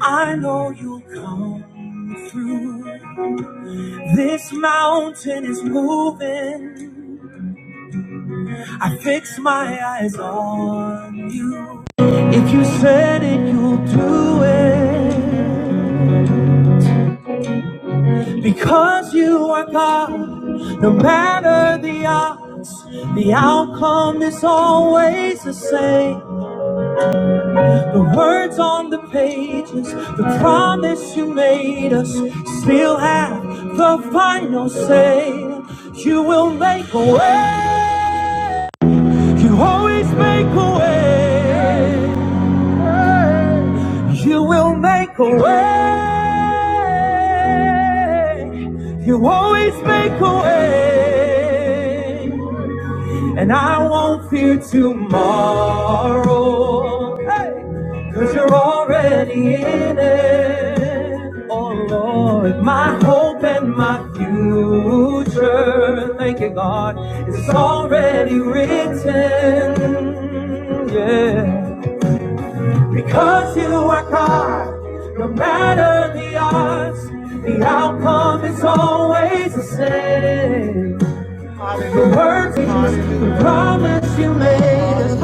I know you'll come through. This mountain is moving. I fix my eyes on you. If you said it, you'll do it. Because you are God, no matter the odds, the outcome is always the same. The words on the pages, the promise you made us, still have the final say. You will make a way. You always make a way. You will make a way. You always make a way. And I won't fear tomorrow. Hey, cause you're already in it. Oh Lord, my hope and my future. Thank you, God. It's already written. Yeah. Because you are God, no matter the odds, the outcome is always the same. The words, the promise you made is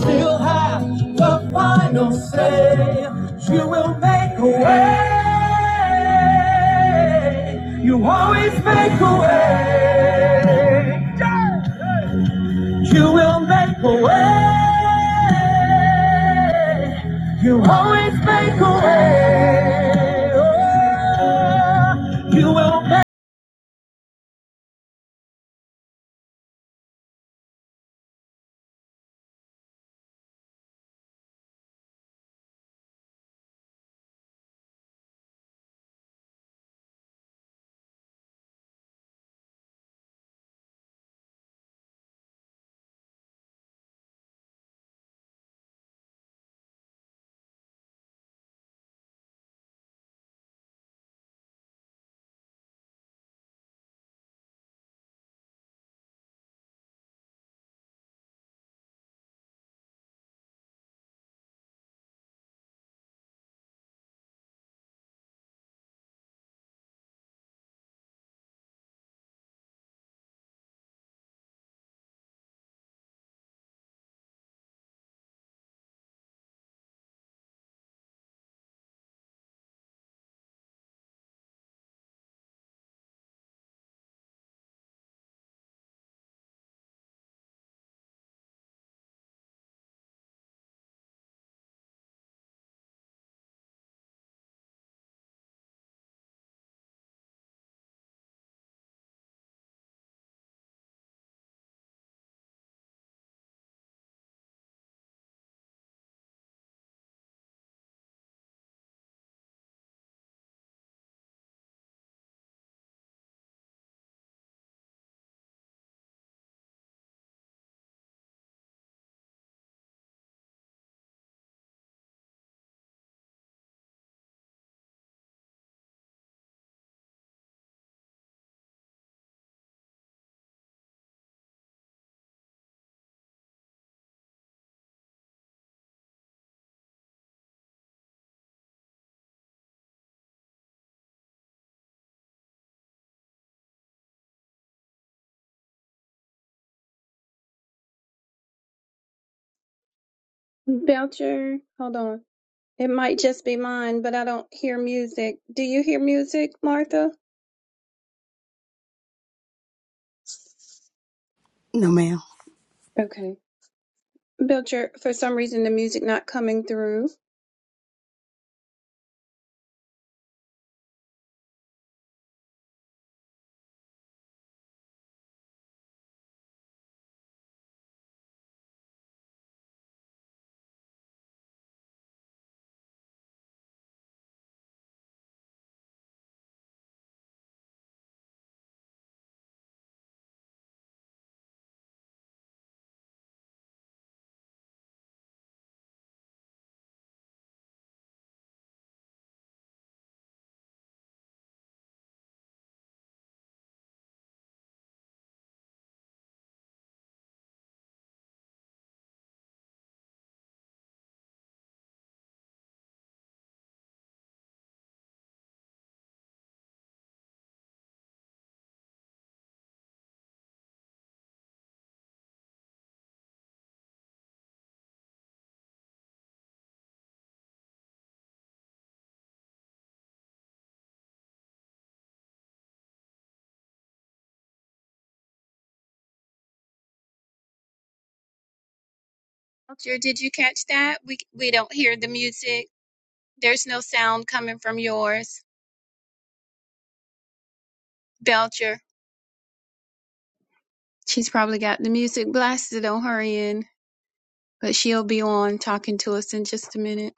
Still have the final say. You will make a way. You always make a way. You will make a way. You always make a way. Oh, you will make a way. Belcher, hold on. It might just be mine, but I don't hear music. Do you hear music, Martha? No, ma'am. Okay. Belcher, for some reason the music not coming through. Belcher, did you catch that? We we don't hear the music. There's no sound coming from yours. Belcher. She's probably got the music blasted on her end, but she'll be on talking to us in just a minute.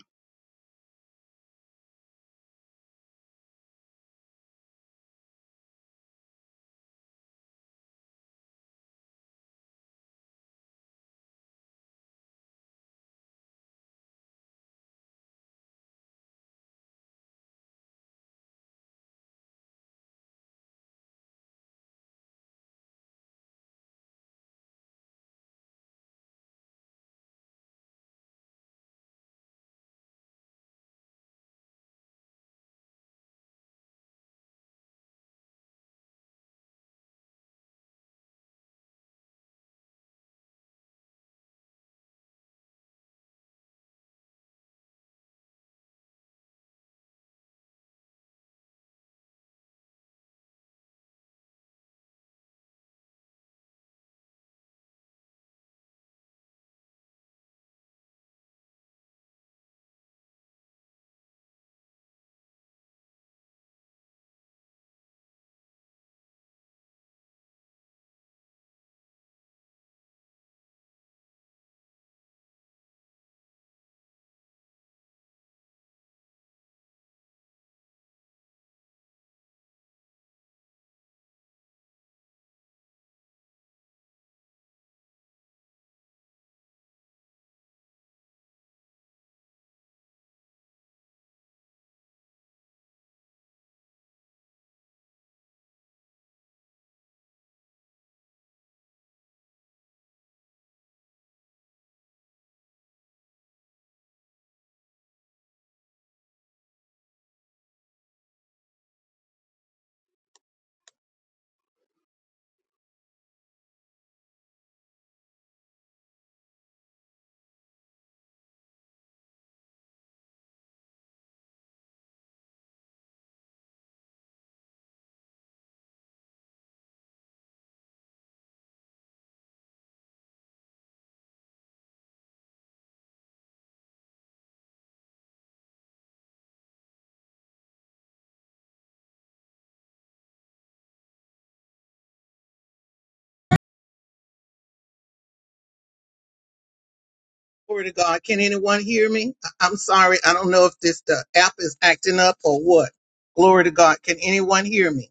Glory to God. Can anyone hear me? I- I'm sorry. I don't know if this the app is acting up or what. Glory to God. Can anyone hear me?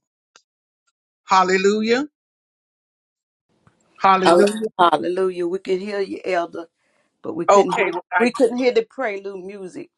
Hallelujah. Hall- Hallelujah. Hallelujah. We could hear you, Elder, but we couldn't Okay. hear we couldn't hear the prelude music.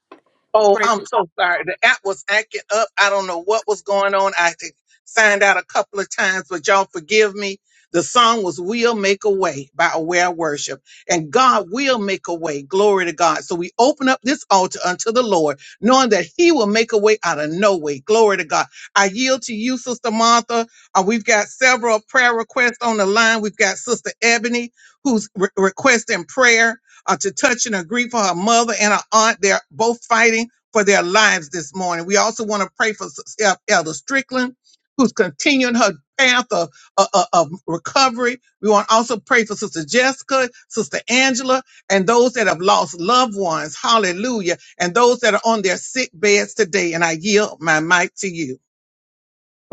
Oh, Pray. I'm so sorry. The app was acting up. I don't know what was going on. I had signed out a couple of times, but y'all forgive me. The song was We'll Make a Way by Aware Worship. And God will make a way. Glory to God. So we open up this altar unto the Lord, knowing that He will make a way out of no way. Glory to God. I yield to you, Sister Martha. Uh, we've got several prayer requests on the line. We've got Sister Ebony who's re- requesting prayer uh, to touch and agree for her mother and her aunt. They're both fighting for their lives this morning. We also want to pray for Sis- El- Elder Strickland, who's continuing her path of, of, of recovery. We want to also pray for Sister Jessica, Sister Angela, and those that have lost loved ones. Hallelujah. And those that are on their sick beds today. And I yield my mic to you.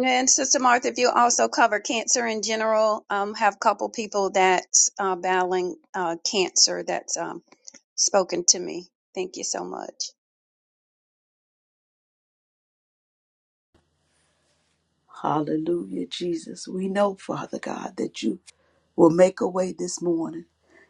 And Sister Martha, if you also cover cancer in general, um, have a couple people that's uh, battling uh, cancer that's um, spoken to me. Thank you so much. Hallelujah, Jesus. We know, Father God, that you will make a way this morning.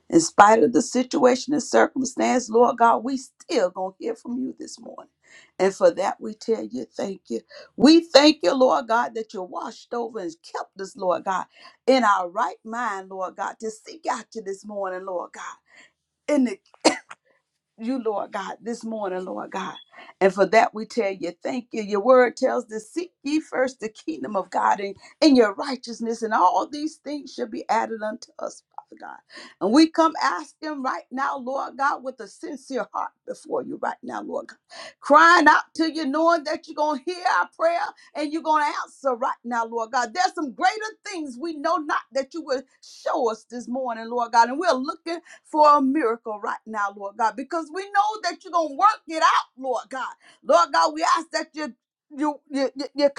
In spite of the situation and circumstance, Lord God, we still gonna hear from you this morning. And for that we tell you thank you. We thank you, Lord God, that you washed over and kept us, Lord God, in our right mind, Lord God, to seek out you this morning, Lord God. you, Lord God, this morning, Lord God. And for that we tell you, thank you. Your word tells us, seek ye first the kingdom of God and, and your righteousness, and all these things shall be added unto us, Father God. And we come asking right now, Lord God, with a sincere heart before you right now, Lord God. Crying out to you, knowing that you're going to hear our prayer and you're going to answer right now, Lord God. There's some greater things we know not that you will show us this morning, Lord God. And we're looking for a miracle right now, Lord God, because we know that you're going to work it out, Lord God. Lord God, we ask that you you you you, you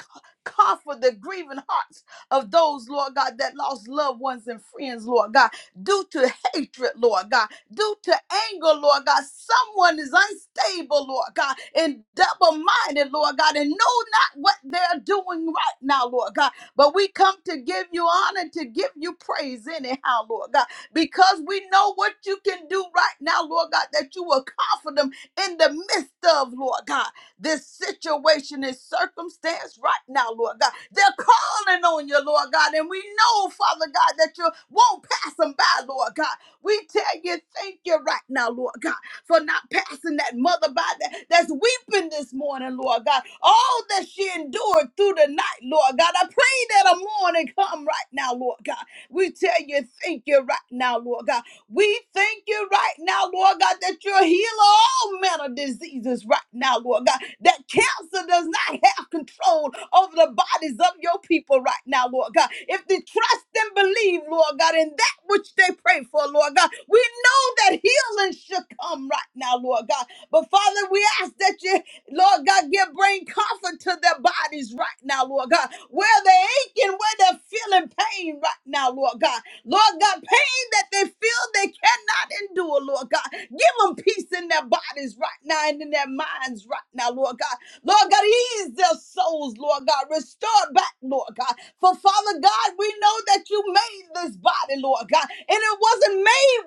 comfort the grieving hearts of those, Lord God, that lost loved ones and friends, Lord God, due to hatred, Lord God, due to anger, Lord God. Someone is unstable, Lord God, and double-minded, Lord God, and know not what they're doing right now, Lord God. But we come to give you honor, to give you praise anyhow, Lord God because we know what you can do right now, Lord God, that you will comfort them in the midst of, Lord God, this situation and circumstance right now, Lord God. They're calling on you, Lord God, and we know, Father God, that you won't pass them by, Lord God. We tell you, thank you right now, Lord God, for not passing that mother by that, that's weeping this morning, Lord God. All that she endured through the night, Lord God. I pray that a morning come right now, Lord God we tell you, thank you right now, Lord God. We thank you right now, Lord God, that you're healing all manner of diseases right now, Lord God. That cancer does not have control over the bodies of your people right now, Lord God. If they trust and believe, Lord God, in that which they pray for, Lord God, we know that healing should come right now, Lord God. But Father, we ask that you Lord God, give bring comfort to their bodies right now, Lord God. Where they're aching, where they're feeling pain right now, Lord God. Lord God, pain that they feel they cannot endure, Lord God. Give them peace in their bodies right now and in their minds right now, Lord God. Lord God, ease their souls, Lord God. Restore back, Lord God. For Father God, we know that you made this body, Lord God. And it wasn't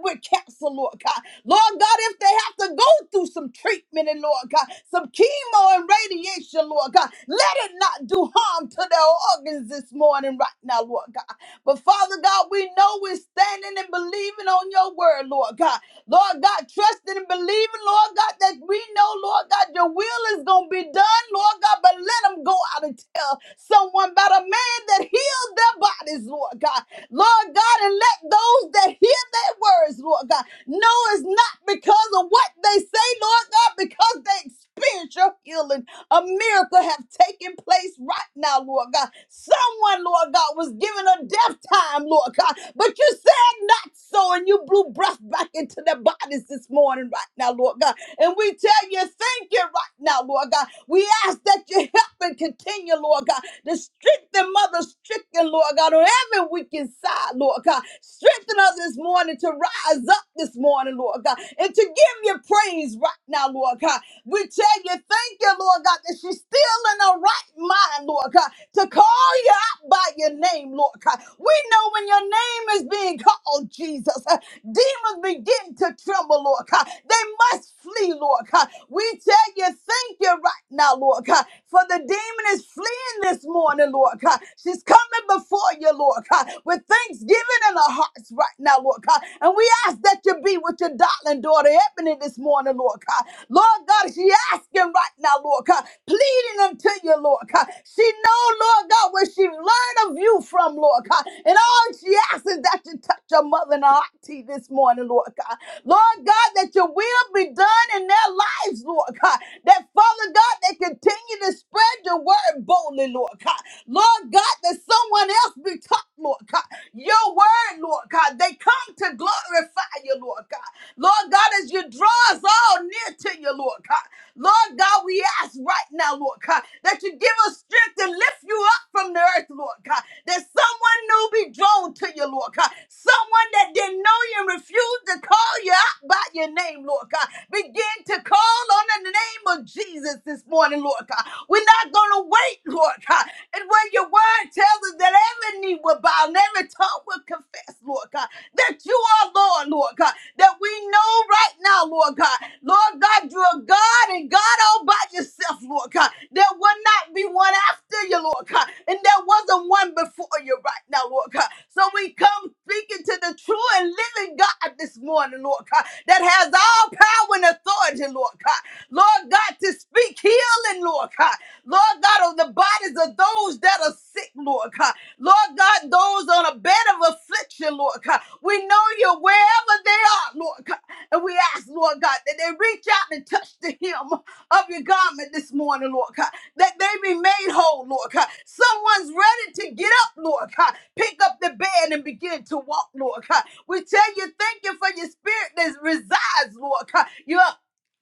with cancer, Lord God. Lord God, if they have to go through some treatment and Lord God, some chemo and radiation, Lord God, let it not do harm to their organs this morning, right now, Lord God. But Father God, we know we're standing and believing on your word, Lord God. Lord God, trusting and believing, Lord God, that we know, Lord God, your will is going to be done, Lord God, but let them go out and tell someone about a man that healed their bodies, Lord God. Lord God, and let those that heal their words, Lord God. No, it's not because of what they say, Lord God, because they experience your healing. A miracle have taken place right now, Lord God. Someone, Lord God, was given a death time, Lord God, but you said not so, and you blew breath back into their bodies this morning right now, Lord God. And we tell you, thank you right now, Lord God. We ask that you help and continue, Lord God to strengthen mother stricken, Lord God, on every wicked side, Lord God. Strengthen us this morning to rise up this morning, Lord God, and to give you praise right now, Lord God. We tell you, thank you, Lord God, that she's still in her right mind, Lord God, to call you out by your name, Lord God. We know when your name is being called, Jesus. Demons begin to tremble, Lord God. They must flee, Lord God. We tell you, thank you right now, Lord God, for the demon is fleeing this morning, Lord God. She's coming before you, Lord God, with thanksgiving in her hearts right now, Lord God. And we ask that you be with your darling daughter, Ebony, this morning, Lord God. Lord God, God. She asking right now, Lord God, pleading unto you, Lord God. She know, Lord God, where she learned of you from, Lord God. And all she asks is that you touch your mother and her auntie this morning, Lord God. Lord God, that your will be done in their lives, Lord God. That, Father God, they continue to spread your word boldly, Lord God. Lord God, that someone else be taught, Lord God. Your word, Lord God, they come to glorify you, Lord God. Lord God, as you draw us all near to you, Lord God. Lord God, we ask right now, Lord God, that you give us strength to lift you up from the earth, Lord God, that someone new be drawn to you, Lord God, someone that didn't know you and refused to call you out by your name, Lord God, begin to call on the name of Jesus this morning, Lord God. We're not going to wait, Lord God, and when your word tells us that every knee will bow and every tongue will confess, Lord God, that you are Lord, Lord God, that we know right now, Lord God, Lord God, you're God and God all by yourself, Lord God. There will not be one after you, Lord God, and there wasn't one before you right now, Lord God. So we come speaking to the true and living God this morning, Lord God, that has all power and authority, Lord God. Lord God, to speak healing, Lord God. Lord God, on the bodies of those that are sick, Lord God. Lord God, those on a bed of affliction, Lord God. We know you wherever they are, Lord God. And we ask, Lord God, that they reach out and touch the hem of your garment this morning, Lord God. That they be made whole, Lord God. Someone's ready to get up, Lord God. Pick up the bed and begin to walk, Lord God. We tell you, thank you for your spirit that resides, Lord God. You're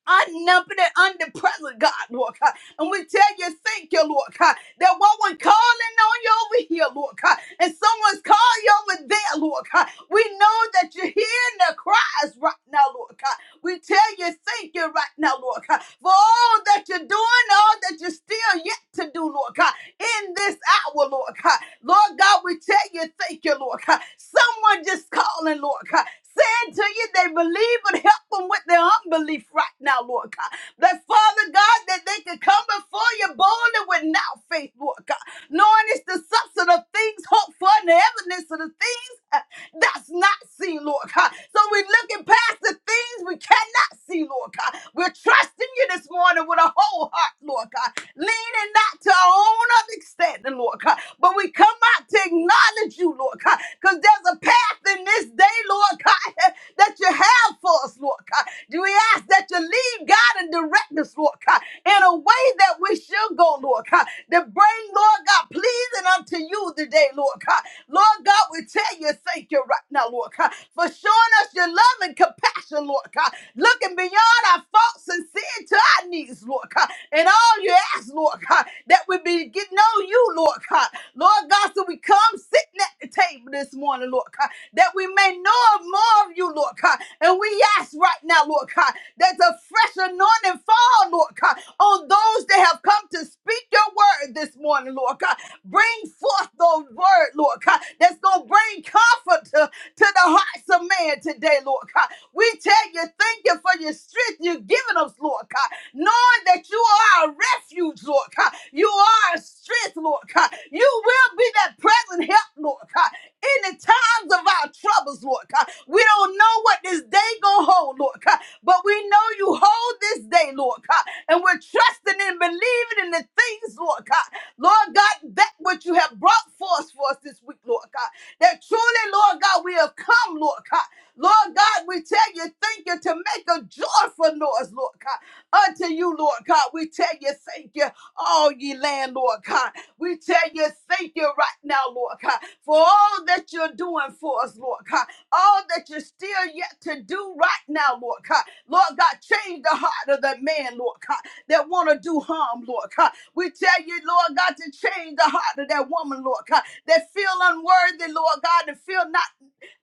unnumbered and underpresent, God, Lord. And we tell you, thank you, Lord God, that one calling on you over here, Lord God, and someone's calling you over there, Lord God. We know that you're hearing the cries right now, Lord God. We tell you, thank you right now, Lord God, for all that you're doing, all that you're still yet to do, Lord God, in this hour, Lord God. Lord God, we tell you, thank you, Lord God. Someone just calling, Lord God, saying to you they believe, but help them with their unbelief right now, Lord God. That Father God, that they can come before you boldly with now faith, Lord God. Knowing it's the substance of things hoped for and the evidence of the things uh, that's not seen, Lord God. So we're looking past the things we cannot see, Lord God. We're trusting you this morning with a whole heart, Lord God. Leaning not to our own understanding, Lord God. But we come out to acknowledge you, Lord God. Because there's a path in this day, Lord God, that you have for us, Lord God. Do we ask that you lead God and direct us, Lord God, in a way that we shall go, Lord God, to bring, Lord God, pleasing unto you today, Lord God. Lord God, we tell you thank you right now, Lord God, for showing us your love and compassion, Lord God, looking beyond our faults and sin to our needs, Lord God, and all you ask, Lord God, that we begin know you, Lord God. Lord God, so we come sitting at the table this morning, Lord God, that we may know of more of you, Lord God. And we ask right now, Lord God, that the fresh anointing fall, Lord God, on those that have come to speak your word this morning, Lord God. Bring forth those word, Lord God, that's going to bring comfort to, to the hearts of man today, Lord God. We tell you, thank you for your strength you've given us, Lord God knowing that you are a refuge, Lord God. You are a strength, Lord God. You will be that present help, Lord God. In the times of our troubles, Lord God, we don't know what this day gonna hold, Lord God, but we know you hold this day, Lord God, and we're trusting and believing in the things, Lord God. Lord God, that what you have brought forth for us this week, Lord God, that truly, Lord God, we have come, Lord God. Lord God, we tell you, thank you to make a joyful noise, Lord God. Unto you, Lord God, we tell you, thank you, all ye land, Lord God. We tell you, thank you right now, Lord God, for all that you're doing for us, Lord God. All that you're still yet to do right now, Lord God. Lord God, change the heart of the man, Lord God, that want to do harm, Lord God. We tell you, Lord God, to change the heart of that woman, Lord God, that feel unworthy, Lord God, and feel not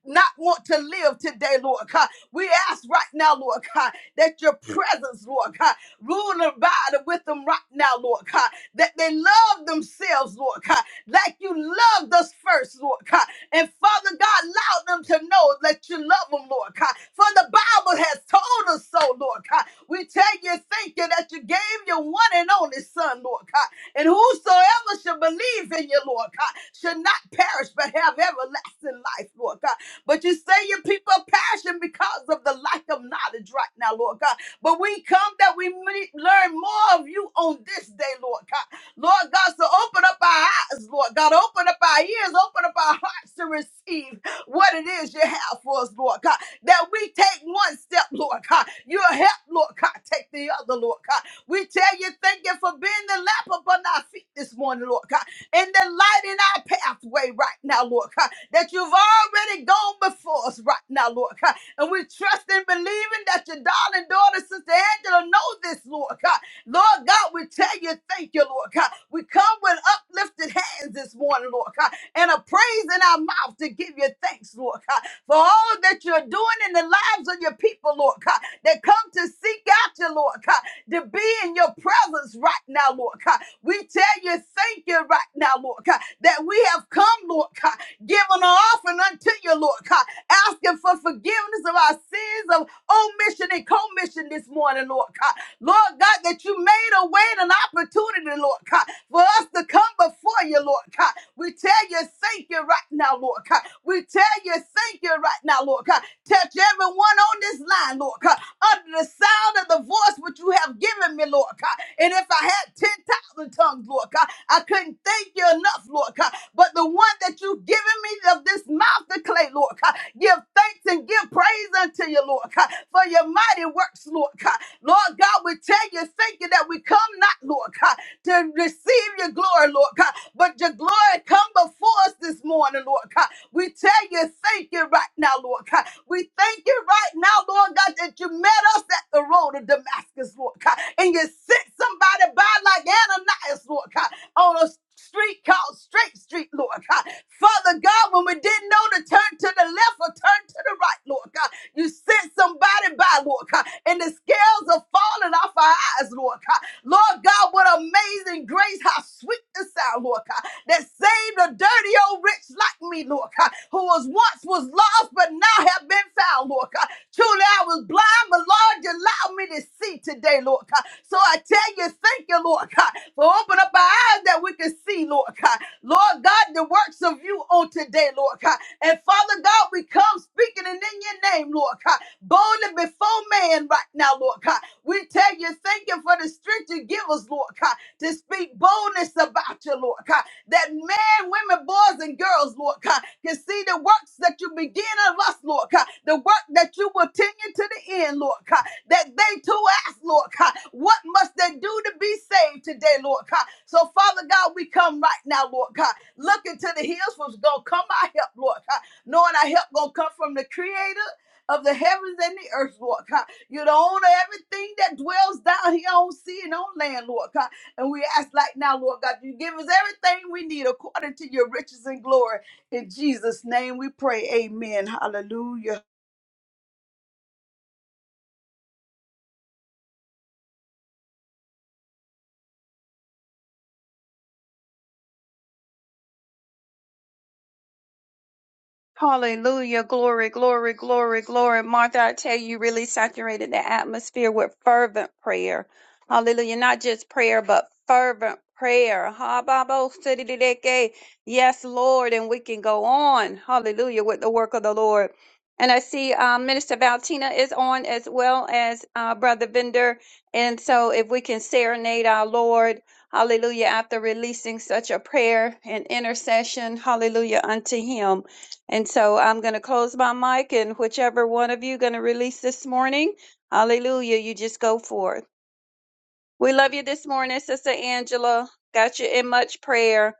not want to live today, Lord God. We ask right now, Lord God, that your presence, Lord God, rule and abide with them right now, Lord God, that they love themselves, Lord God, like you loved us first, Lord God. And Father God, allow them to know that you love them, Lord God. For the Bible has told us so, Lord God. We tell you, thank you that you gave your one and only Son, Lord God. And whosoever should believe in you, Lord God, should not perish but have everlasting life, Lord God. But you say your people are passion because of the lack of knowledge right now, Lord God. But we come that we may learn more of you on this day, Lord God. Lord God, so open up our eyes, Lord God. Open up our ears, open up our hearts to receive what it is you have for us, Lord God. That we take one step, Lord God. You'll help, Lord God, take the other, Lord God. We tell you, thank you for being the lamp upon our feet this morning, Lord God and then lighting our pathway right now, Lord God, that you've already gone before us right now, Lord God. And we trust and believing that your darling daughter, Sister Angela, know this, Lord God. Lord God, we tell you thank you, Lord God. We come with uplifted hands this morning, Lord God and a praise in our mouth to give you thanks, Lord God, for all that you're doing in the lives of your people, Lord God, that come to seek out you, Lord God, to be in your presence right now, Lord God. We tell you, thank you right now, Lord God, that we have come, Lord God, giving an offering unto you, Lord God, asking for forgiveness of our sins of omission and commission this morning, Lord God. Lord God, that you made a way and an opportunity, Lord God, for us to come before you, Lord God. We tell you, thank you right now, Lord God. We tell you, thank you right now, Lord God. Touch everyone on this line, Lord God, under the sound of the voice which you have given me, Lord God. God. And if I had 10,000 tongues, Lord God, I couldn't thank you enough, Lord God. But the one that you've given me of this mouth to clay, Lord God, give thanks and give praise unto you, Lord God, for your mighty works, Lord God. Lord God, we tell you, thank you that we come not, Lord God to receive your glory, Lord God. But your glory come before us this morning, Lord God. We tell you, thank you right now, Lord God. We thank you right now, Lord God, that you met us at the road of Damascus, Lord God. And you sent somebody by like Ananias, Lord God, on a street called Straight Street, Lord God. Father God, when we didn't know to turn to the left or turn to the right, Lord God, you sent somebody by, Lord God, and the scales are falling off our eyes, Lord God. Lord God, what amazing grace, how sweet the sound, Lord God, that saved a dirty old rich like me, Lord God, who was once was lost but now have been found, Lord God. Truly, I was blind, but Lord, you allowed me to see today, Lord God. So I tell you, thank you, Lord God, for opening up our eyes that we can see, Lord God. Lord God, the works of you on today, Lord God. And Father God, we come speaking and in your name, Lord God, boldly before man right now, Lord God. We tell you, thank you for the strength you give us, Lord God, to speak boldness about you, Lord God. That men, women, women, boys, and girls, Lord God, can see the works that you begin of us, Lord God, the work that you will continue to the end, Lord God, that they too ask, Lord God, what must they do to be saved today, Lord God? So, Father God, we come right now, Lord God, looking to the hills, what's going to come our help, Lord God, knowing our help going to come from the Creator of the heavens and the earth, Lord God. You're the owner of everything that dwells down here on sea and on land, Lord God. And we ask like now, Lord God, you give us everything we need according to your riches and glory. In Jesus' name we pray. Amen. Hallelujah. Hallelujah. Glory, glory, glory, glory. Martha, I tell you, you really saturated the atmosphere with fervent prayer. Hallelujah. Not just prayer, but fervent prayer. Ha, ba, bo, si, di, di, di, ki. Yes, Lord. And we can go on. Hallelujah. With the work of the Lord. And I see um, Minister Valtina is on as well as uh, Brother Bender. And so if we can serenade our Lord, hallelujah, after releasing such a prayer and intercession, hallelujah, unto him. And so I'm going to close my mic and whichever one of you going to release this morning, hallelujah, you just go forth. We love you this morning, Sister Angela. Got you in much prayer.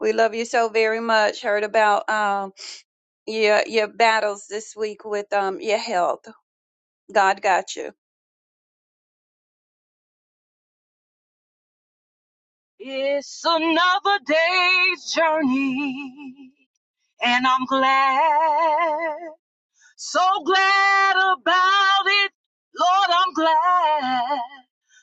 We love you so very much. Heard about um, your your battles this week with um, your health. God got you. It's another day's journey, and I'm glad, so glad about it. Lord, I'm glad,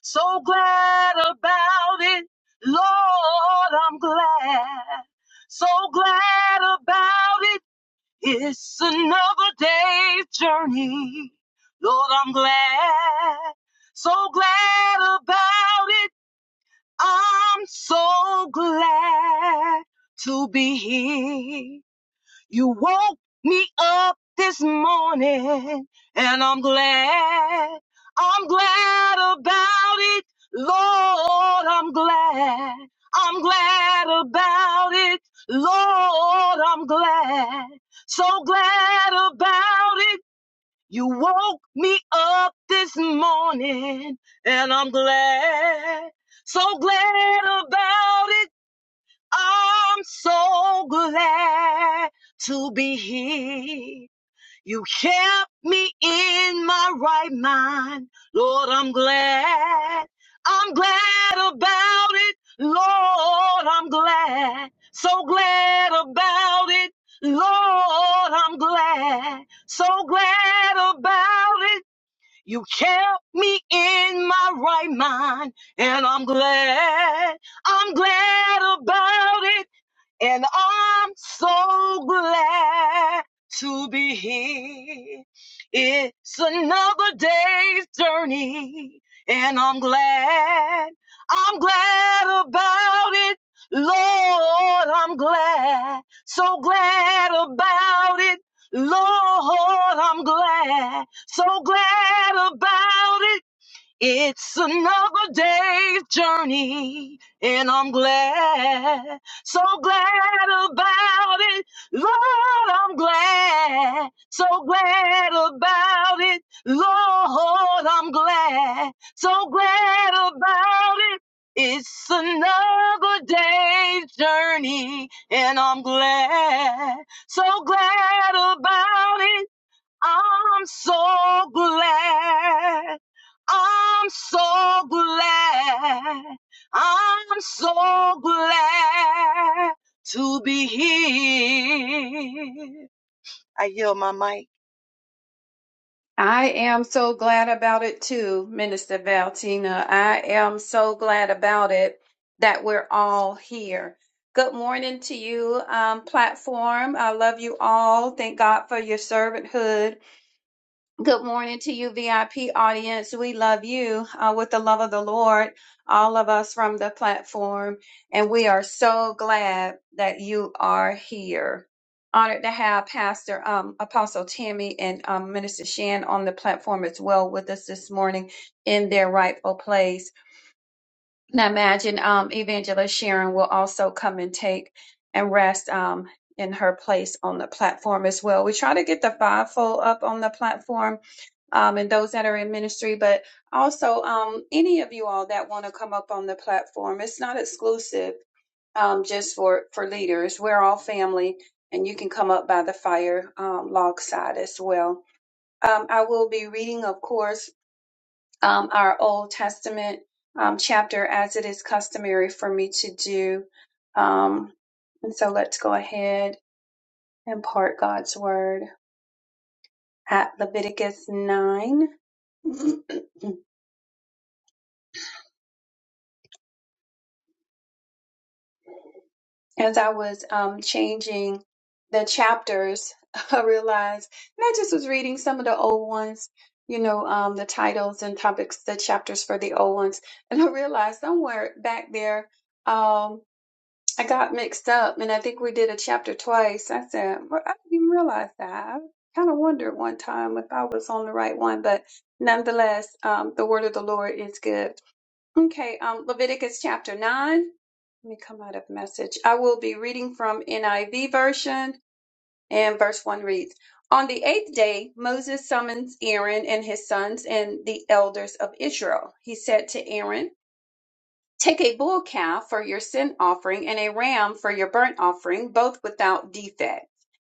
so glad about it. Lord, I'm glad, so glad about it. It's another day's journey. Lord, I'm glad, so glad about it. I'm so glad to be here. You woke me up this morning and I'm glad. I'm glad about it. Lord, I'm glad. I'm glad about it. Lord, I'm glad. So glad about it. You woke me up this morning, and I'm glad, so glad about it. I'm so glad to be here. You kept me in my right mind. Lord, I'm glad. I'm glad about it. Lord, I'm glad. So glad about it. Lord, I'm glad. So glad about it. You kept me in my right mind, and I'm glad. I'm glad about it, and I'm so glad to be here. It's another day's journey, and I'm glad. I'm glad about it. Lord, I'm glad, so glad about it. Lord, I'm glad. So glad about it. It's another day's journey, and I'm glad, so glad about it. Lord, I'm glad, so glad about it. Lord, I'm glad, so glad about it. It's another day's journey, and I'm glad, so glad about it. I'm so glad. I'm so glad. I'm so glad to be here. I yield my mic. I am so glad about it too, Minister Valtina. I am so glad about it that we're all here. Good morning to you, um, platform. I love you all. Thank God for your servanthood. Good morning to you, VIP audience. We love you uh, with the love of the Lord, all of us from the platform. And we are so glad that you are here. Honored to have Pastor um, Apostle Tammy and um, Minister Shan on the platform as well with us this morning in their rightful place. And I imagine um, Evangelist Sharon will also come and take and rest um, in her place on the platform as well. We try to get the fivefold up on the platform um, and those that are in ministry, but also um, any of you all that want to come up on the platform. It's not exclusive um, just for for leaders. We're all family, and you can come up by the fire um, log side as well. Um, I will be reading, of course, um, our Old Testament um, chapter as it is customary for me to do. Um, and so let's go ahead and part God's word at Leviticus 9. as I was um, changing the chapters, I realized and I just was reading some of the old ones, you know, um, the titles and topics, the chapters for the old ones, and I realized somewhere back there, um, I got mixed up, and I think we did a chapter twice. I said, well, I didn't even realize that. I kind of wondered one time if I was on the right one, but nonetheless, um, the word of the Lord is good. Okay, um, Leviticus chapter nine. Let me come out of message. I will be reading from NIV version, and verse 1 reads On the eighth day, Moses summons Aaron and his sons and the elders of Israel. He said to Aaron, Take a bull calf for your sin offering and a ram for your burnt offering, both without defect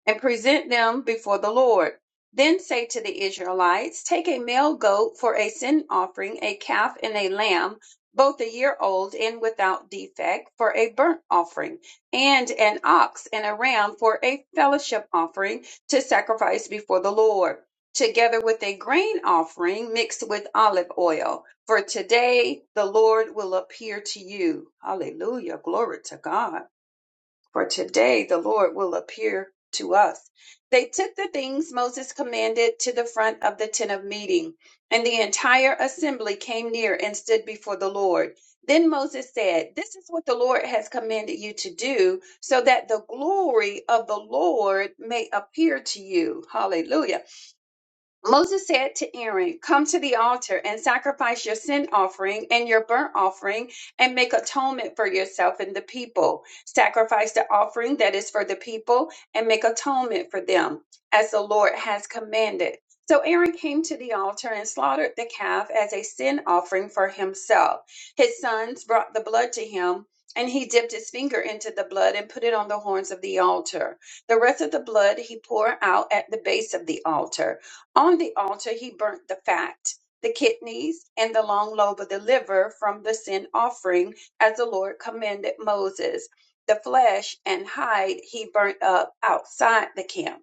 and present them before the Lord. Then say to the Israelites, Take a male goat for a sin offering, a calf and a lamb, both a year old and without defect, for a burnt offering, and an ox and a ram for a fellowship offering to sacrifice before the Lord, together with a grain offering mixed with olive oil. For today the Lord will appear to you. Hallelujah. Glory to God for today the Lord will appear to us. They took the things Moses commanded to the front of the tent of meeting, and the entire assembly came near and stood before the Lord. Then Moses said, This is what the Lord has commanded you to do, so that the glory of the Lord may appear to you. Hallelujah Moses said to Aaron, Come to the altar and sacrifice your sin offering and your burnt offering and make atonement for yourself and the people. Sacrifice the offering that is for the people and make atonement for them, as the Lord has commanded. So Aaron came to the altar and slaughtered the calf as a sin offering for himself. His sons brought the blood to him. And he dipped his finger into the blood and put it on the horns of the altar. The rest of the blood he poured out at the base of the altar. On the altar, he burnt the fat, the kidneys, and the long lobe of the liver from the sin offering, as the Lord commanded Moses. The flesh and hide he burnt up outside the camp.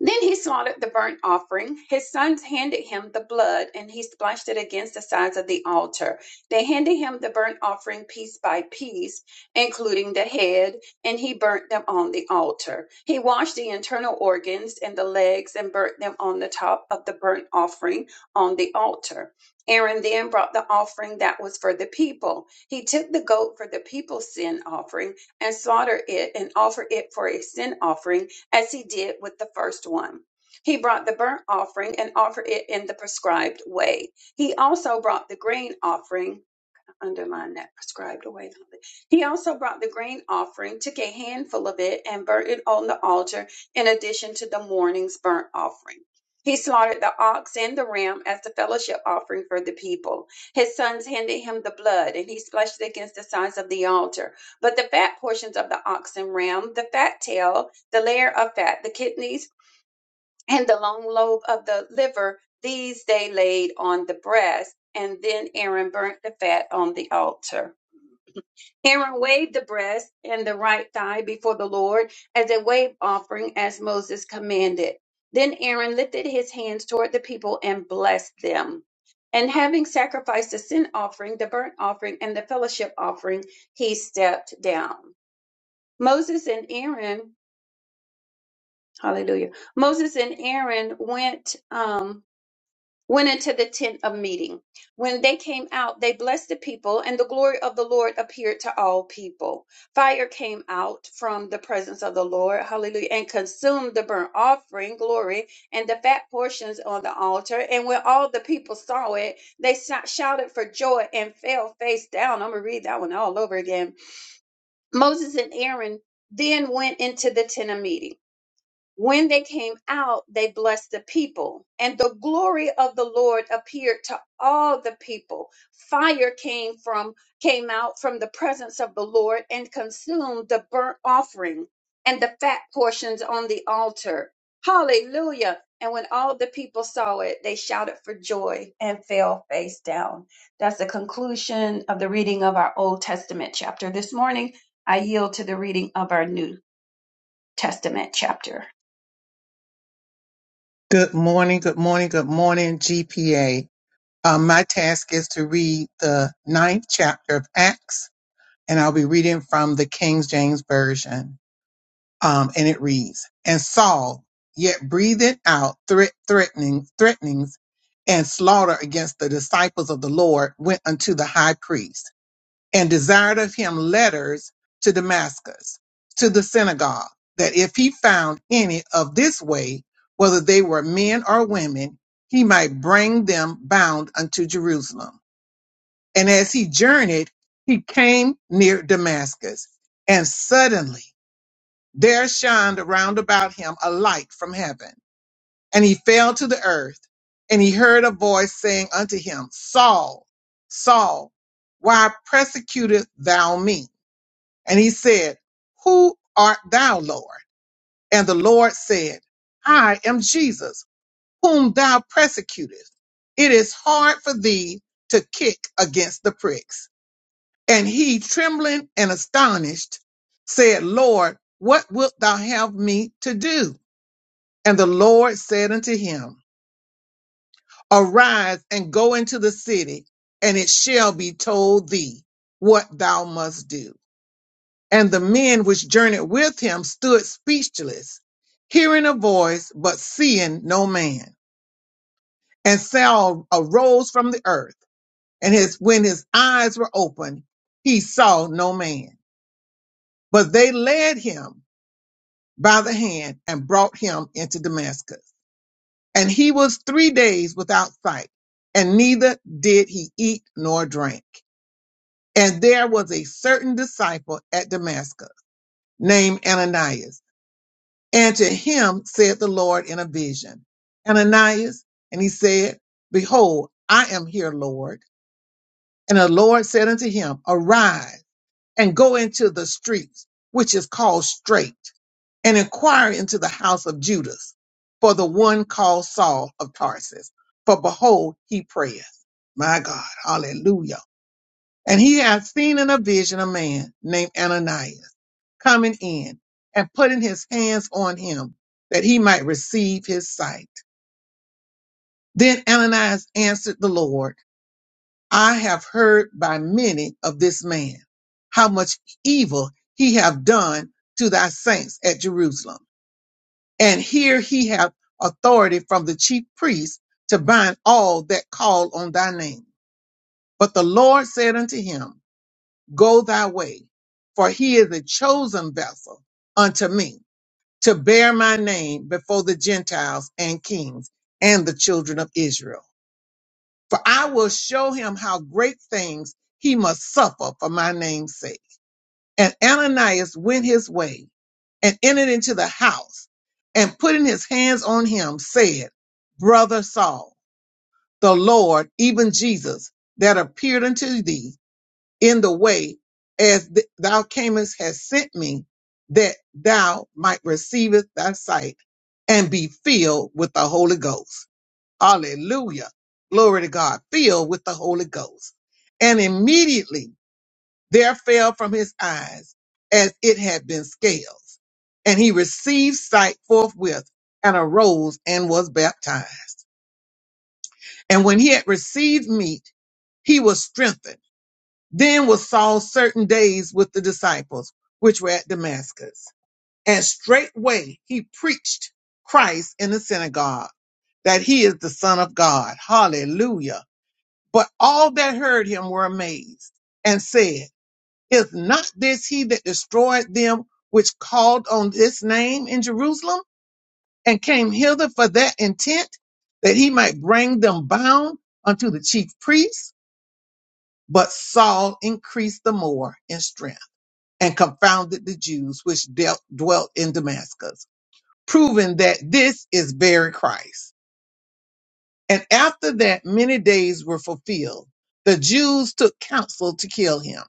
Then he slaughtered the burnt offering. His sons handed him the blood, and he splashed it against the sides of the altar. They handed him the burnt offering piece by piece, including the head, and he burnt them on the altar. He washed the internal organs and the legs and burnt them on the top of the burnt offering on the altar. Aaron then brought the offering that was for the people. He took the goat for the people's sin offering and slaughtered it and offered it for a sin offering as he did with the first one. He brought the burnt offering and offered it in the prescribed way. He also brought the grain offering underline that prescribed away. He also brought the grain offering, took a handful of it, and burnt it on the altar, in addition to the morning's burnt offering. He slaughtered the ox and the ram as the fellowship offering for the people. His sons handed him the blood, and he splashed it against the sides of the altar. But the fat portions of the ox and ram, the fat tail, the layer of fat, the kidneys, and the long lobe of the liver, these they laid on the breast, and then Aaron burnt the fat on the altar. Aaron waved the breast and the right thigh before the Lord as a wave offering, as Moses commanded. Then Aaron lifted his hands toward the people and blessed them. And having sacrificed the sin offering, the burnt offering, and the fellowship offering, he stepped down. Moses and Aaron, hallelujah, Moses and Aaron went. Um, went into the tent of meeting. When they came out, they blessed the people, and the glory of the Lord appeared to all people. Fire came out from the presence of the Lord, hallelujah, and consumed the burnt offering, glory, and the fat portions on the altar. And when all the people saw it, they sou- shouted for joy and fell face down. I'm going to read that one all over again. Moses and Aaron then went into the tent of meeting. When they came out, they blessed the people, and the glory of the Lord appeared to all the people. Fire came from came out from the presence of the Lord and consumed the burnt offering and the fat portions on the altar. Hallelujah. And when all the people saw it, they shouted for joy and fell face down. That's the conclusion of the reading of our Old Testament chapter this morning. I yield to the reading of our New Testament chapter. Good morning, good morning, good morning, GPA. Uh, my task is to read the ninth chapter of Acts and I'll be reading from the King James Version. Um, and it reads, And Saul yet breatheth out threat, threatening, threatenings and slaughter against the disciples of the Lord, went unto the high priest and desired of him letters to Damascus, to the synagogue, that if he found any of this way, whether they were men or women, he might bring them bound unto Jerusalem. And as he journeyed, he came near Damascus. And suddenly there shined around about him a light from heaven. And he fell to the earth. And he heard a voice saying unto him, Saul, Saul, why persecutest thou me? And he said, Who art thou, Lord? And the Lord said, I am Jesus, whom thou persecutest. It is hard for thee to kick against the pricks. And he, trembling and astonished, said, Lord, what wilt thou have me to do? And the Lord said unto him, Arise and go into the city, and it shall be told thee what thou must do. And the men which journeyed with him stood speechless, hearing a voice, but seeing no man. And Saul arose from the earth, and his, when his eyes were opened, he saw no man. But they led him by the hand and brought him into Damascus. And he was three days without sight, and neither did he eat nor drink. And there was a certain disciple at Damascus named Ananias. And to him said the Lord in a vision, Ananias. And he said, Behold, I am here, Lord. And the Lord said unto him, Arise and go into the streets, which is called Straight, and inquire into the house of Judas for the one called Saul of Tarsus. For behold, he prayeth. My God, hallelujah. And he hath seen in a vision a man named Ananias coming in and putting his hands on him that he might receive his sight. Then Ananias answered the Lord. I have heard by many of this man, how much evil he have done to thy saints at Jerusalem. And here he hath authority from the chief priests to bind all that call on thy name. But the Lord said unto him, Go thy way, for he is a chosen vessel unto me to bear my name before the Gentiles and kings and the children of Israel. For I will show him how great things he must suffer for my name's sake. And Ananias went his way and entered into the house and putting his hands on him said, Brother Saul, the Lord, even Jesus, that appeared unto thee in the way as th- thou camest has sent me that thou might receive thy sight and be filled with the Holy Ghost. Hallelujah. Glory to God. Filled with the Holy Ghost. And immediately there fell from his eyes as it had been scales. And he received sight forthwith and arose and was baptized. And when he had received meat, he was strengthened. Then was Saul certain days with the disciples, which were at Damascus. And straightway he preached Christ in the synagogue, that he is the Son of God. Hallelujah But all that heard him were amazed and said, Is not this he that destroyed them which called on this name in Jerusalem and came hither for that intent, that he might bring them bound unto the chief priests? But Saul increased the more in strength and confounded the Jews which dealt, dwelt in Damascus, proving that this is very Christ. And after that, many days were fulfilled. The Jews took counsel to kill him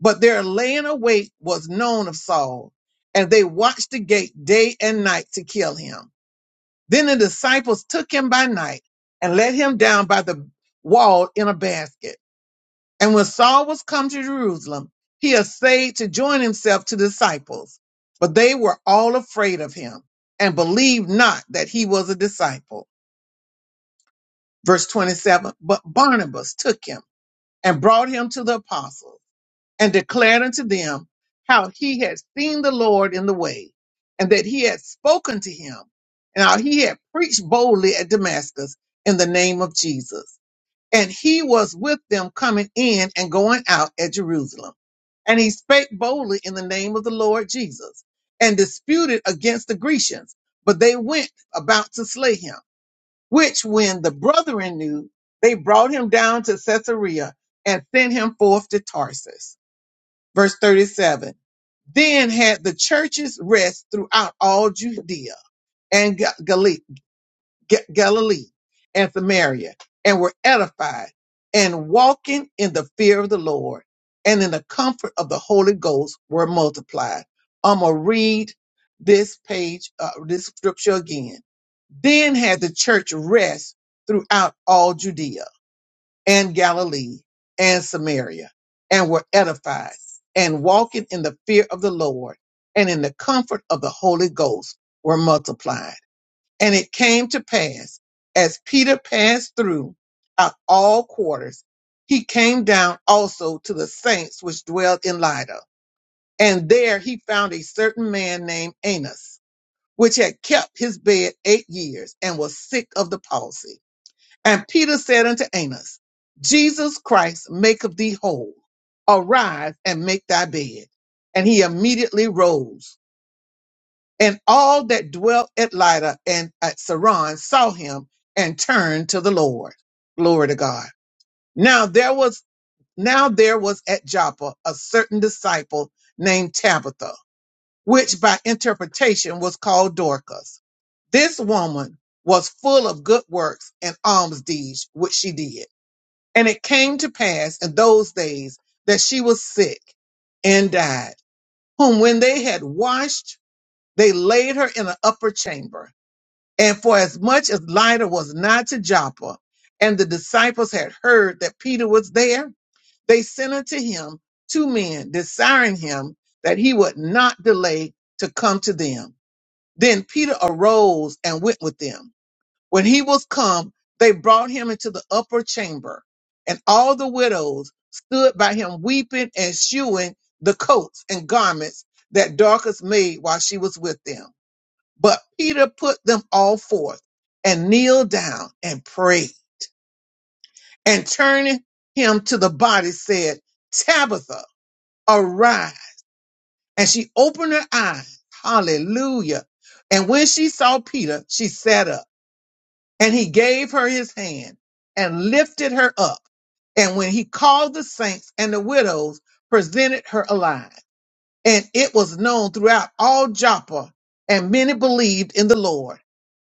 But their laying await was known of Saul, and they watched the gate day and night to kill him. Then the disciples took him by night and let him down by the wall in a basket. And when Saul was come to Jerusalem, he essayed to join himself to the disciples, but they were all afraid of him and believed not that he was a disciple. Verse 27 But Barnabas took him and brought him to the apostles. and declared unto them how he had seen the Lord in the way, and that he had spoken to him, and how he had preached boldly at Damascus in the name of Jesus. And he was with them coming in and going out at Jerusalem. And he spake boldly in the name of the Lord Jesus, and disputed against the Grecians, but they went about to slay him, which when the brethren knew, they brought him down to Caesarea and sent him forth to Tarsus. Verse 37. Then had the churches rest throughout all Judea and Ga- Gali- Ga- Galilee and Samaria and were edified and walking in the fear of the Lord and in the comfort of the Holy Ghost were multiplied. I'm going to read this page, uh, this scripture again. Then had the church rest throughout all Judea and Galilee and Samaria and were edified and walking in the fear of the Lord and in the comfort of the Holy Ghost were multiplied. And it came to pass as Peter passed through out all quarters, he came down also to the saints which dwelled in Lydda. And there he found a certain man named Anus, which had kept his bed eight years and was sick of the palsy and Peter said unto Amos, Jesus Christ maketh thee whole. Arise and make thy bed. And he immediately rose. And all that dwelt at Lydda and at Saron saw him and turned to the Lord. Glory to God. Now there was now there was at Joppa a certain disciple named Tabitha, which by interpretation was called Dorcas. This woman was full of good works and alms deeds which she did and it came to pass in those days that she was sick and died, whom when they had washed, they laid her in an upper chamber. And for as much as Lydda was not to Joppa, and the disciples had heard that Peter was there, they sent unto him two men, desiring him that he would not delay to come to them. Then Peter arose and went with them. When he was come, they brought him into the upper chamber, and all the widows stood by him weeping and shewing the coats and garments that Dorcas made while she was with them. But Peter put them all forth and kneeled down and prayed, and turning him to the body said, Tabitha, arise. And she opened her eyes. Hallelujah. And when she saw Peter, she sat up. And he gave her his hand and lifted her up. And when he called the saints and the widows, presented her alive and it was known throughout all Joppa, and many believed in the Lord.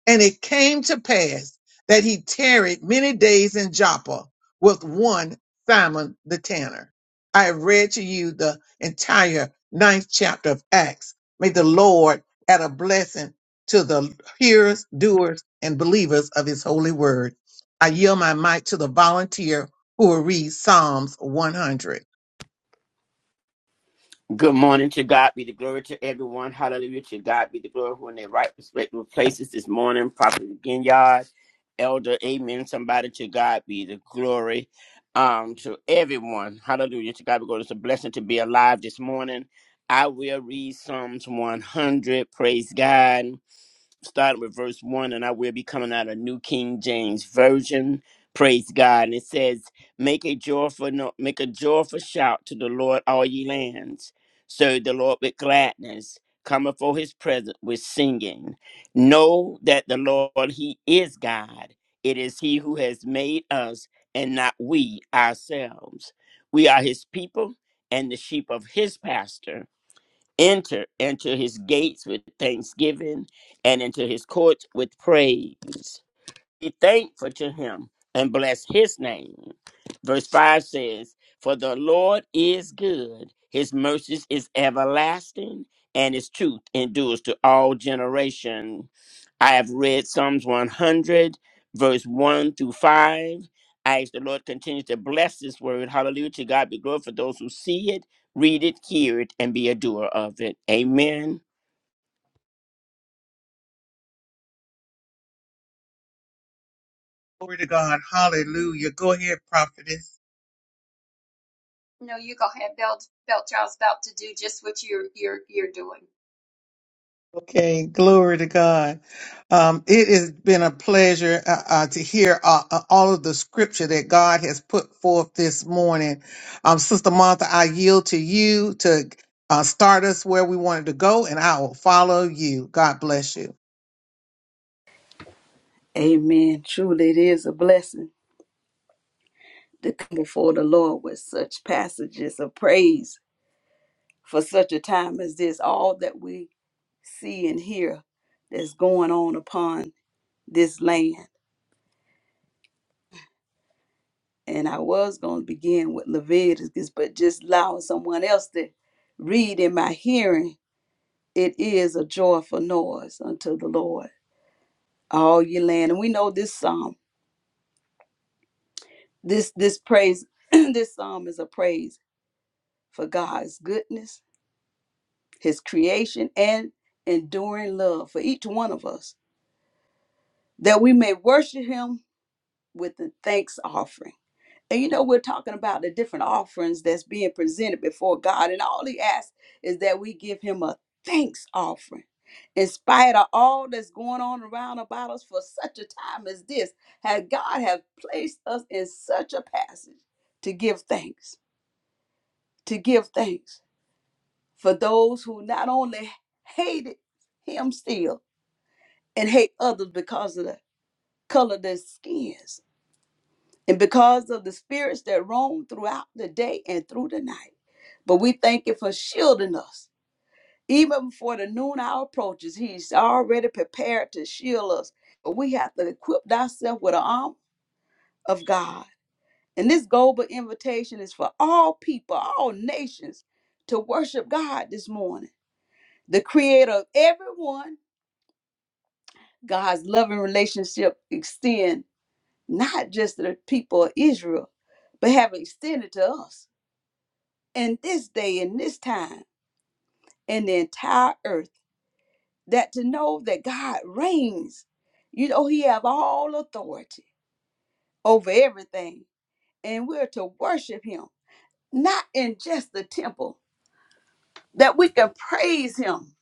And it came to pass that he tarried many days in Joppa with one Simon the tanner. I have read to you the entire ninth chapter of Acts. May the Lord add a blessing to the hearers, doers, and believers of his holy word. I yield my mic to the volunteer who will read Psalms 100. Good morning to God be the glory to everyone. Hallelujah to God be the glory who in their right respective places this morning. Prophet Ginyard, Elder, Amen. Somebody to God be the glory. Um, to everyone. Hallelujah to God be the glory. It's a blessing to be alive this morning. I will read Psalms 100. Praise God starting with verse 1, and I will be coming out of New King James Version. Praise God. And it says, Make a joyful no- make a joyful shout to the Lord, all ye lands. Serve the Lord with gladness. Come before his presence with singing. Know that the Lord, he is God. It is he who has made us and not we ourselves. We are his people and the sheep of his pasture. Enter into his gates with thanksgiving and into his courts with praise be thankful to him and bless his name. Verse 5 says, For the Lord is good, his mercies is everlasting, and his truth endures to all generation. I have read Psalms 100, verse 1 through 5. I ask the Lord continue to bless this word. Hallelujah. To God be glory for those who see it, read it, hear it, and be a doer of it. Amen. Glory to God. Hallelujah. Go ahead, prophetess. No, you go ahead, Belt. Beltrow's about to do just what you're you're you're doing. Okay, glory to God. Um, it has been a pleasure uh, uh, to hear uh, uh, all of the scripture that God has put forth this morning. Um, Sister Martha, I yield to you to uh, start us where we wanted to go, and I will follow you. God bless you. Amen. Truly, it is a blessing to come before the Lord with such passages of praise for such a time as this. All that we see and hear that's going on upon this land. And I was going to begin with Leviticus, but just allowing someone else to read in my hearing It is a joyful noise unto the Lord, all ye land. And we know this psalm, this this praise, this psalm is a praise for God's goodness, his creation, and enduring love for each one of us, that we may worship him with the thanks offering. And you know, we're talking about the different offerings that's being presented before God. And all he asks is that we give him a thanks offering. In spite of all that's going on around about us for such a time as this, has God have placed us in such a passage to give thanks, to give thanks for those who not only hated him still and hate others because of the color of their skins, and because of the spirits that roam throughout the day and through the night. But we thank you for shielding us. Even before the noon hour approaches, He's already prepared to shield us. But we have to equip ourselves with the arm of God. And this global invitation is for all people, all nations, to worship God this morning. The creator of everyone, God's loving relationship extend not just to the people of Israel, but have extended to us. in this day and this time in the entire earth that to know that God reigns. You know, he have all authority over everything. And we're to worship him, not in just the temple, that we can praise him.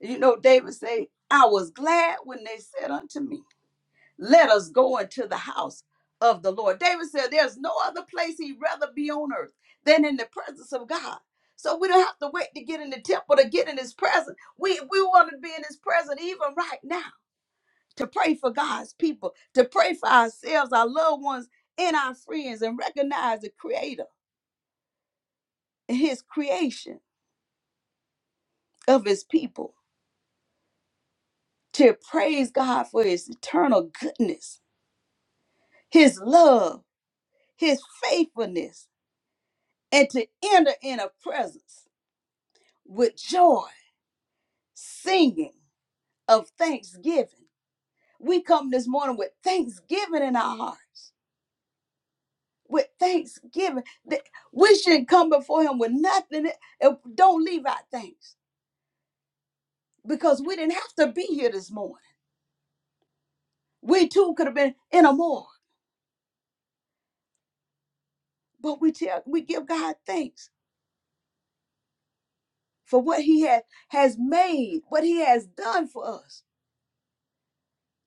You know, David said, I was glad when they said unto me, Let us go into the house of the Lord. David said, There's no other place he'd rather be on earth than in the presence of God. So we don't have to wait to get in the temple to get in his presence. We we want to be in his presence even right now to pray for God's people, to pray for ourselves, our loved ones, and our friends, and recognize the creator and his creation of his people. To praise God for his eternal goodness, his love, his faithfulness and to enter in a presence with joy, singing of thanksgiving. We come this morning with thanksgiving in our hearts, with thanksgiving. That We shouldn't come before Him with nothing. and Don't leave out thanks because we didn't have to be here this morning. We too could have been in a morgue, but we tell we give God thanks for what He has has made, what He has done for us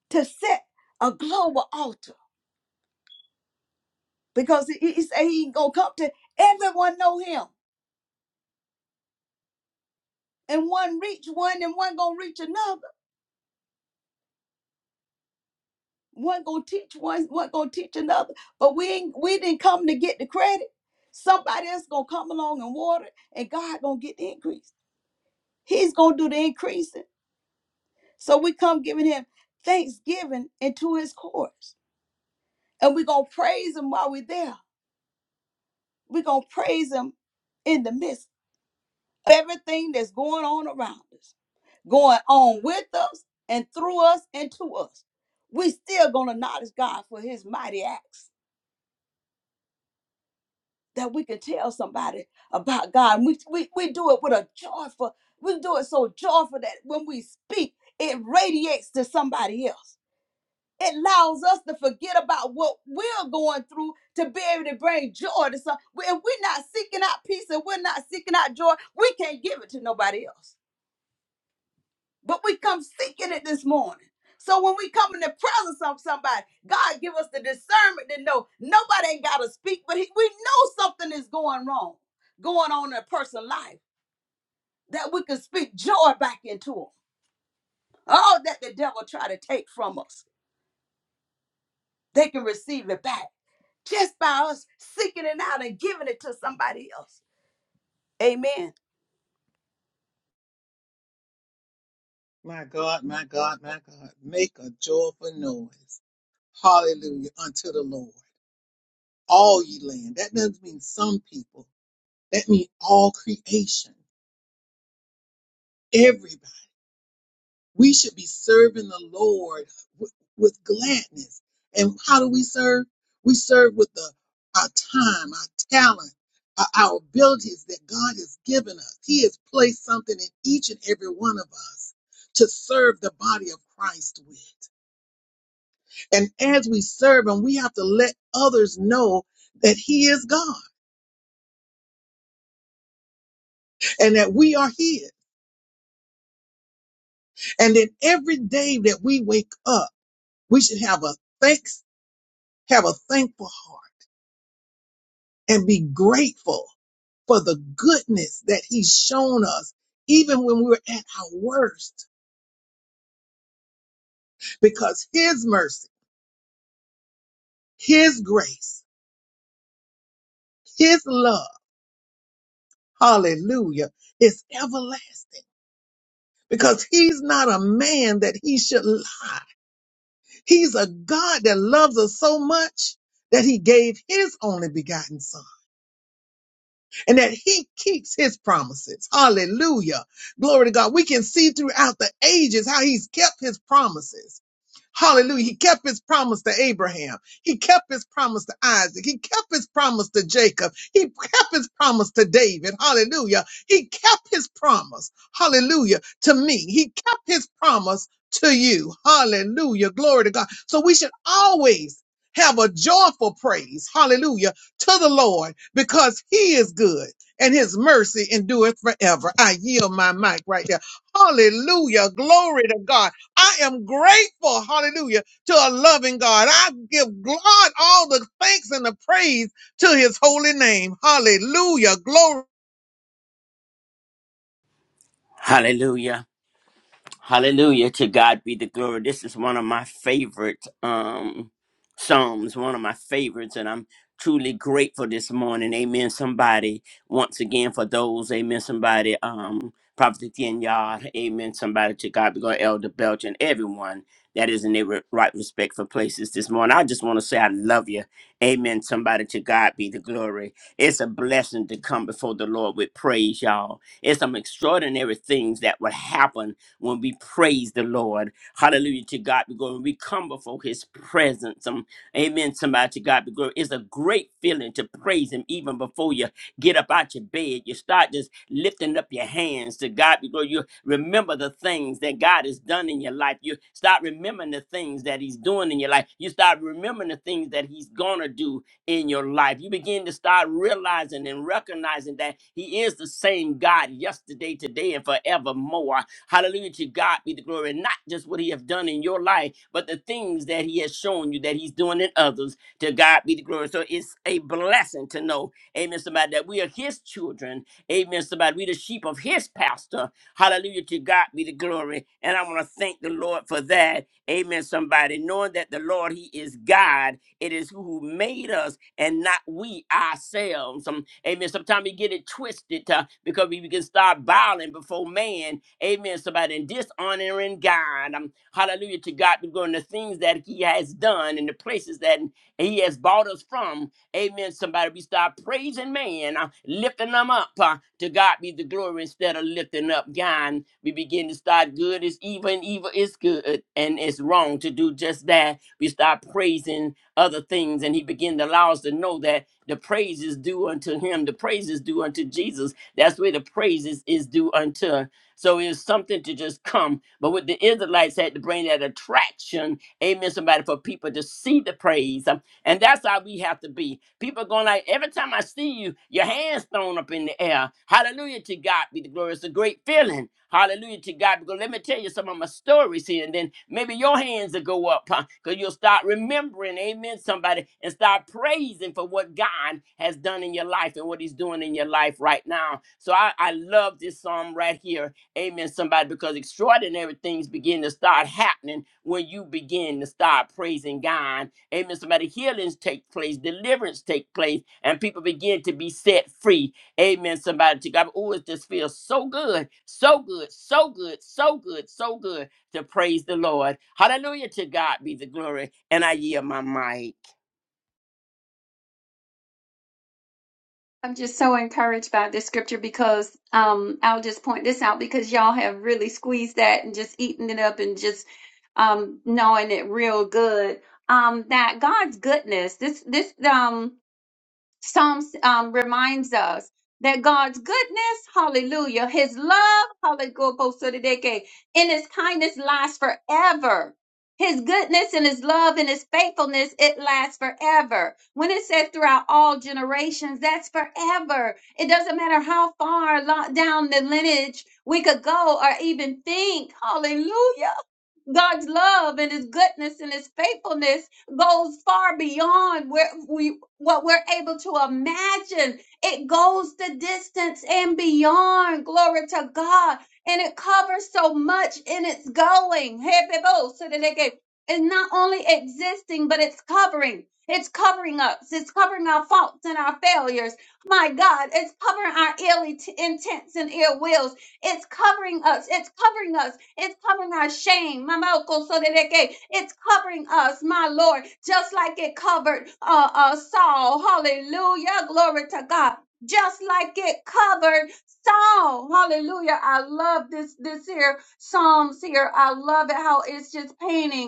to set a global altar because he, he say he ain't gonna come to everyone know him and one reach one and one gonna reach another one gonna teach one one gonna teach another but we ain't we didn't come to get the credit somebody else gonna come along and water and god gonna get the increase he's gonna do the increasing so we come giving him thanksgiving into his courts and we gonna praise him while we're there we gonna praise him in the midst Everything that's going on around us, going on with us and through us and to us, we still gonna acknowledge God for his mighty acts that we can tell somebody about God. And we, we, we do it with a joyful, we do it so joyful that when we speak, it radiates to somebody else. It allows us to forget about what we're going through to be able to bring joy to some. If we're not seeking out peace and we're not seeking out joy, we can't give it to nobody else. but we come seeking it this morning. So when we come in the presence of somebody, God give us the discernment to know nobody ain't got to speak, but he, we know something is going wrong, going on in a person's life that we can speak joy back into them. All that the devil try to take from us, they can receive it back just by us seeking it out and giving it to somebody else. Amen. My God, my God, my God. Make a joyful noise. Hallelujah unto the Lord. All ye land. That doesn't mean some people. That means all creation. everybody. We should be serving the Lord with, with gladness. And how do we serve? We serve with the, our time, our talent, our, our abilities that God has given us. He has placed something in each and every one of us to serve the body of Christ with. And as we serve Him, we have to let others know that He is God and that we are His. And then every day that we wake up, we should have a thanks, have a thankful heart and be grateful for the goodness that he's shown us, even when we were at our worst, because his mercy, his grace, his love, hallelujah, is everlasting because he's not a man that he should lie. He's a God that loves us so much that he gave his only begotten son and that he keeps his promises. Hallelujah. Glory to God. We can see throughout the ages how he's kept his promises Hallelujah. He kept his promise to Abraham. He kept his promise to Isaac. He kept his promise to Jacob. He kept his promise to David. Hallelujah. He kept his promise. Hallelujah. To me. He kept his promise to you. Hallelujah. Glory to God. So we should always have a joyful praise. Hallelujah. To the Lord because he is good and his mercy endureth forever. I yield my mic right there. Hallelujah. Glory to God. I am grateful, hallelujah, to a loving God. I give God all the thanks and the praise to his holy name. Hallelujah. Glory. Hallelujah. Hallelujah. To God be the glory. This is one of my favorite um Psalms, one of my favorites, and I'm truly grateful this morning. Amen. Somebody, once again, for those, amen, somebody, um, Prophet Etienne Yard, amen, somebody to God be glory, Elder Belch, and everyone that is in their ri- right respectful places this morning. I just want to say I love you. Amen. Somebody to God be the glory. It's a blessing to come before the Lord with praise, y'all. It's some extraordinary things that would happen when we praise the Lord. Hallelujah to God be glory. When We come before his presence. Um, amen. Somebody to God be glory. It's a great feeling to praise him even before you get up out your bed. You start just lifting up your hands to God be glory. You remember the things that God has done in your life. You start remembering the things that he's doing in your life. You start remembering the things that he's gonna do in your life. You begin to start realizing and recognizing that He is the same God yesterday, today, and forevermore. Hallelujah to God be the glory. And Not just what he has done in your life, but the things that he has shown you that he's doing in others. To God be the glory. So it's a blessing to know, amen, somebody, that we are his children. Amen, somebody. We the sheep of his pastor. Hallelujah to God be the glory. And I want to thank the Lord for that. Amen, somebody. Knowing that the Lord, he is God it is who made us and not we ourselves. Um, amen. Sometimes we get it twisted uh, because we can start bowing before man. Amen. Somebody and dishonoring God. Um, hallelujah to God. We're going to things that He has done and the places that He has brought us from. Amen. Somebody, we start praising man, uh, lifting them up. uh, to God be the glory instead of lifting up God. We begin to start good is evil and evil is good and it's wrong to do just that. We start praising other things. And he began to allow us to know that the praise is due unto him, the praise is due unto Jesus. That's where the praise is, is due unto. So it's something to just come. But what the Israelites had to bring that attraction, amen, somebody, for people to see the praise. And that's how we have to be. People going like, every time I see you, your hands thrown up in the air. Hallelujah to God be the glory. It's a great feeling. Hallelujah to God. Because let me tell you some of my stories here. And then maybe your hands will go up. Because you'll start remembering, amen, somebody. And start praising for what God has done in your life and what he's doing in your life right now. So I, I love this psalm right here. Amen, somebody. Because extraordinary things begin to start happening when you begin to start praising God Amen. Somebody healings take place, deliverance take place, and people begin to be set free. Amen. Somebody to God. Oh, it just feels so good, so good, so good, so good, so good to praise the Lord. Hallelujah to God be the glory. And I yield my mic. I'm just so encouraged by this scripture because um I'll just point this out because y'all have really squeezed that and just eaten it up and just um knowing it real good. Um that God's goodness, this this um Psalms um, reminds us that God's goodness, hallelujah, his love, hallelujah, in his kindness lasts forever. His goodness and his love and his faithfulness, it lasts forever. When it says throughout all generations, that's forever. It doesn't matter how far lo- down the lineage we could go or even think. Hallelujah. God's love and his goodness and his faithfulness goes far beyond where we what we're able to imagine. It goes the distance and beyond. Glory to God. And it covers so much in its going. Hey, people, so that they can- It's not only existing, but it's covering. It's covering us. It's covering our faults and our failures. My God, it's covering our ill intents and ill wills. It's covering us. It's covering us. It's covering our shame. Mamaokosorereke. It's covering us, my Lord, just like it covered uh, uh, Saul. Hallelujah. Glory to God. Just like it covered Saul. Hallelujah. I love this this here Psalms here. I love it how it's just painting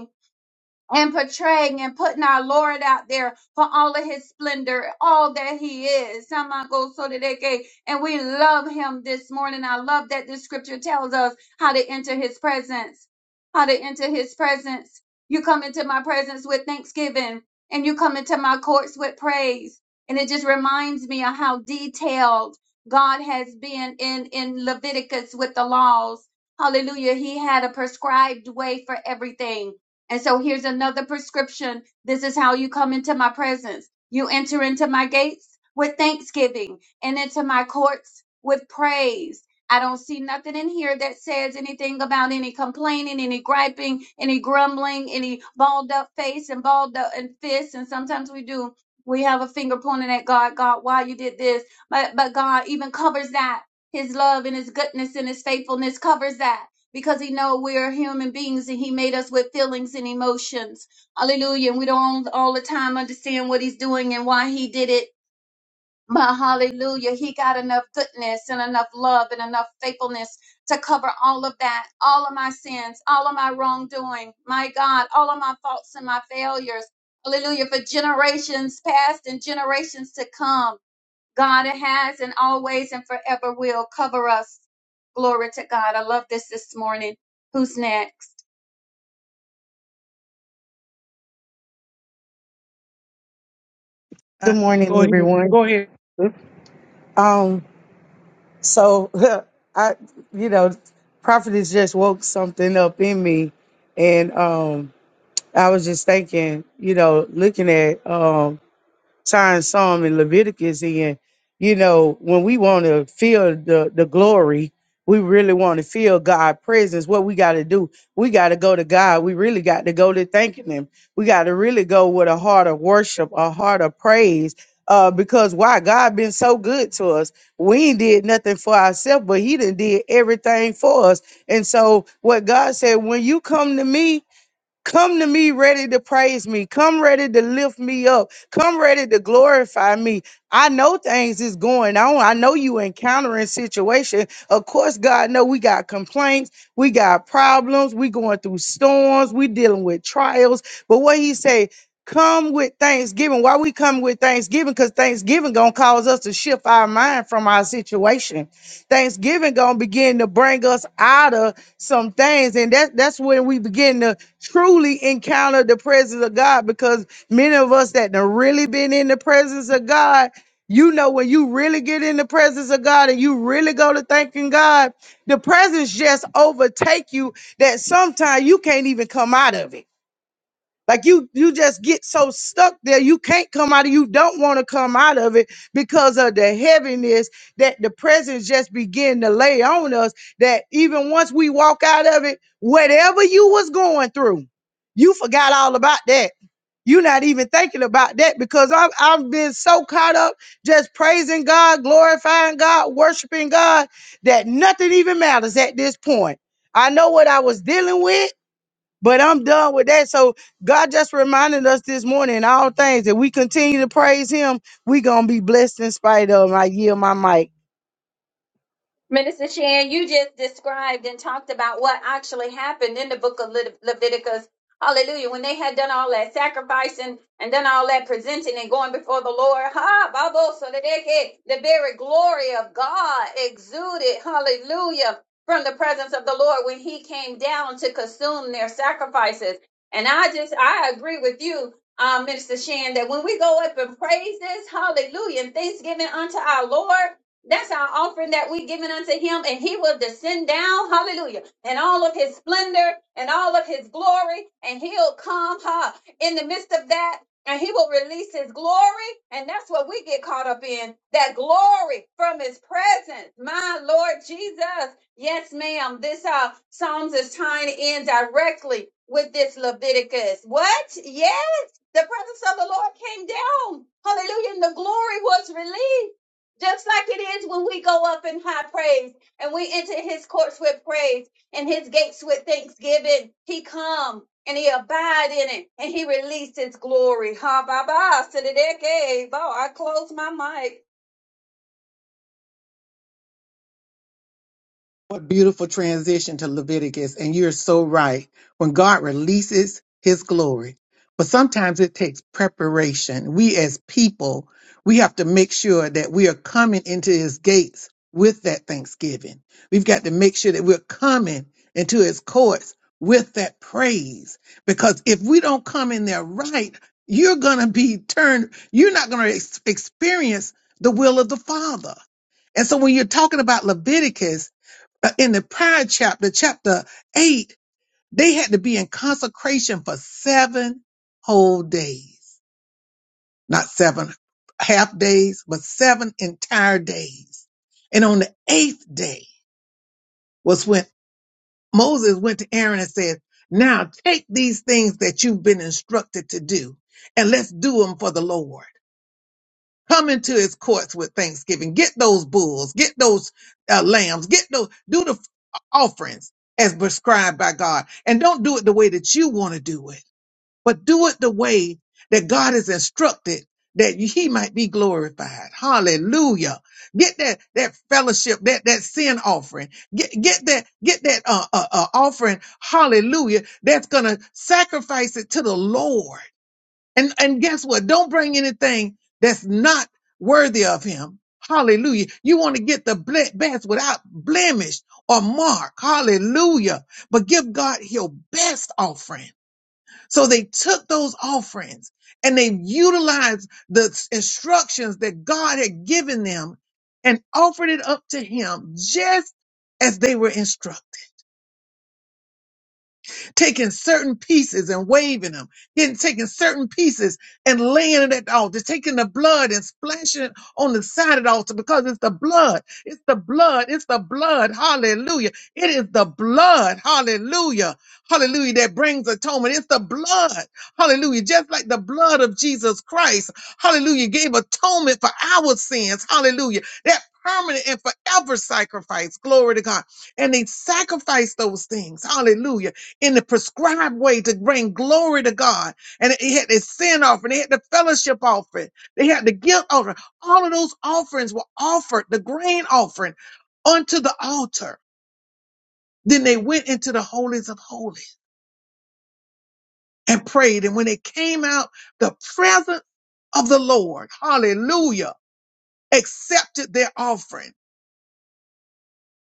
and portraying and putting our Lord out there for all of his splendor, all that he is. Samagosodeke. And we love him this morning. I love that the scripture tells us how to enter his presence. How to enter his presence. You come into my presence with thanksgiving and you come into my courts with praise. And it just reminds me of how detailed God has been in, in Leviticus with the laws. Hallelujah. He had a prescribed way for everything and so here's another prescription. This is how you come into my presence. You enter into my gates with thanksgiving and into my courts with praise. I don't see nothing in here that says anything about any complaining, any griping, any grumbling, any balled up face and balled up and fists. And sometimes we do. We have a finger pointing at God, God, why you did this. But but God even covers that. His love and his goodness and his faithfulness covers that because he know we are human beings and he made us with feelings and emotions. Hallelujah. And we don't all the time understand what he's doing and why he did it. But hallelujah, he got enough goodness and enough love and enough faithfulness to cover all of that, all of my sins, all of my wrongdoing, my God, all of my faults and my failures. Hallelujah, for generations past and generations to come. God has and always and forever will cover us. Glory to God. I love this this morning. Who's next? Good morning, everyone. Um, so I, you know, prophet has just woke something up in me, and um, I was just thinking, you know, looking at um time Psalm and Leviticus in, you know, when we want to feel the, the glory, we really want to feel God's presence. What we got to do, we got to go to God. We really got to go to thanking Him. We got to really go with a heart of worship, a heart of praise. Uh, because why God been so good to us. We ain't did nothing for ourselves, but He done did everything for us. And so what God said, when you come to me, Come to me ready to praise me. Come ready to lift me up. Come ready to glorify me. I know things is going on. I know you encountering situation. Of course, God know we got complaints, we got problems, we going through storms, we dealing with trials. But what he say, come with thanksgiving. Why we come with thanksgiving? Because thanksgiving gonna cause us to shift our mind from our situation. Thanksgiving gonna begin to bring us out of some things, and that that's when we begin to truly encounter the presence of God because many of us that have really been in the presence of God, you know, when you really get in the presence of God and you really go to thanking God, the presence just overtake you that sometimes you can't even come out of it. Like you, you just get so stuck there, you can't come out of. You don't want to come out of it because of the heaviness that the presence just begin to lay on us. That even once we walk out of it, whatever you was going through, you forgot all about that. You're not even thinking about that because I've I've been so caught up just praising God, glorifying God, worshiping God that nothing even matters at this point. I know what I was dealing with. But I'm done with that. So God just reminded us this morning, in all things, that we continue to praise Him, we gonna be blessed in spite of. I yield my mic. Minister Shan, you just described and talked about what actually happened in the book of Lit- Leviticus. Hallelujah. When they had done all that sacrificing and done all that presenting and going before the Lord, ha, Babo, so that they get the very glory of God exuded, hallelujah, from the presence of the Lord when he came down to consume their sacrifices. And I just, I agree with you, um, Minister Shan, that when we go up in praises, hallelujah, and thanksgiving unto our Lord, that's our offering that we giving unto him, and he will descend down, hallelujah, and all of his splendor and all of his glory, and he'll come huh, in the midst of that, and he will release his glory, and that's what we get caught up in that glory from his presence. My Lord Jesus. Yes, ma'am. This uh Psalms is tying in directly with this Leviticus. What? Yes the presence of the Lord came down. Hallelujah. And the glory was released. Just like it is when we go up in high praise and we enter his courts with praise and his gates with thanksgiving. He come and he abide in it and he released his glory. Ha ba ba. Siddiqui. Bo, I close my mic. What beautiful transition to Leviticus. And you're so right. When God releases his glory, but sometimes it takes preparation. We as people, we have to make sure that we are coming into his gates with that thanksgiving. We've got to make sure that we're coming into his courts with that praise. Because if we don't come in there right, you're going to be turned, you're not going to ex- experience the will of the Father. And so when you're talking about Leviticus, uh, in the prior chapter, chapter eight, they had to be in consecration for seven whole days, not seven half days, but seven entire days. And on the eighth day was when Moses went to Aaron and said, now take these things that you've been instructed to do and let's do them for the Lord. Come into his courts with thanksgiving. Get those bulls, get those uh, lambs, get those, do the f- offerings as prescribed by God. And don't do it the way that you want to do it, but do it the way that God has instructed that he might be glorified. Hallelujah. Get that, that fellowship, that, that sin offering. Get, get that, get that, uh, uh, uh, offering. Hallelujah. That's going to sacrifice it to the Lord and and guess what? Don't bring anything that's not worthy of him. Hallelujah. You want to get the ble- best without blemish or mark. Hallelujah. But give God your best offering. So they took those offerings and they utilized the s- instructions that God had given them and offered it up to him just as they were instructed taking certain pieces and waving them, getting taking certain pieces and laying it at the altar, taking the blood and splashing it on the side of the altar because it's the blood. It's the blood. It's the blood. Hallelujah. It is the blood. Hallelujah. Hallelujah. That brings atonement. It's the blood. Hallelujah. Just like the blood of Jesus Christ. Hallelujah. Gave atonement for our sins. Hallelujah. That permanent and forever sacrifice. Glory to God. And they sacrificed those things. Hallelujah in the prescribed way to bring glory to God. And they had the sin offering, they had the fellowship offering, they had the guilt offering. All of those offerings were offered, the grain offering, onto the altar. Then they went into the holies of holies and prayed. And when they came out, the presence of the Lord, hallelujah, accepted their offering.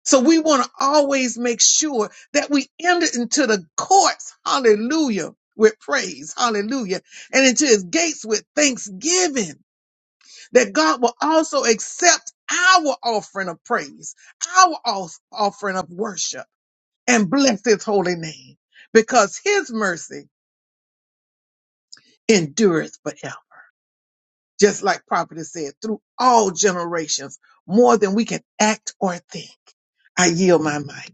So we want to always make sure that we enter into the courts, hallelujah, with praise, hallelujah, and into his gates with thanksgiving, that God will also accept our offering of praise, our off- offering of worship, and bless his holy name, because his mercy endureth forever. Just like Prophet said, through all generations, more than we can act or think. I yield my mic.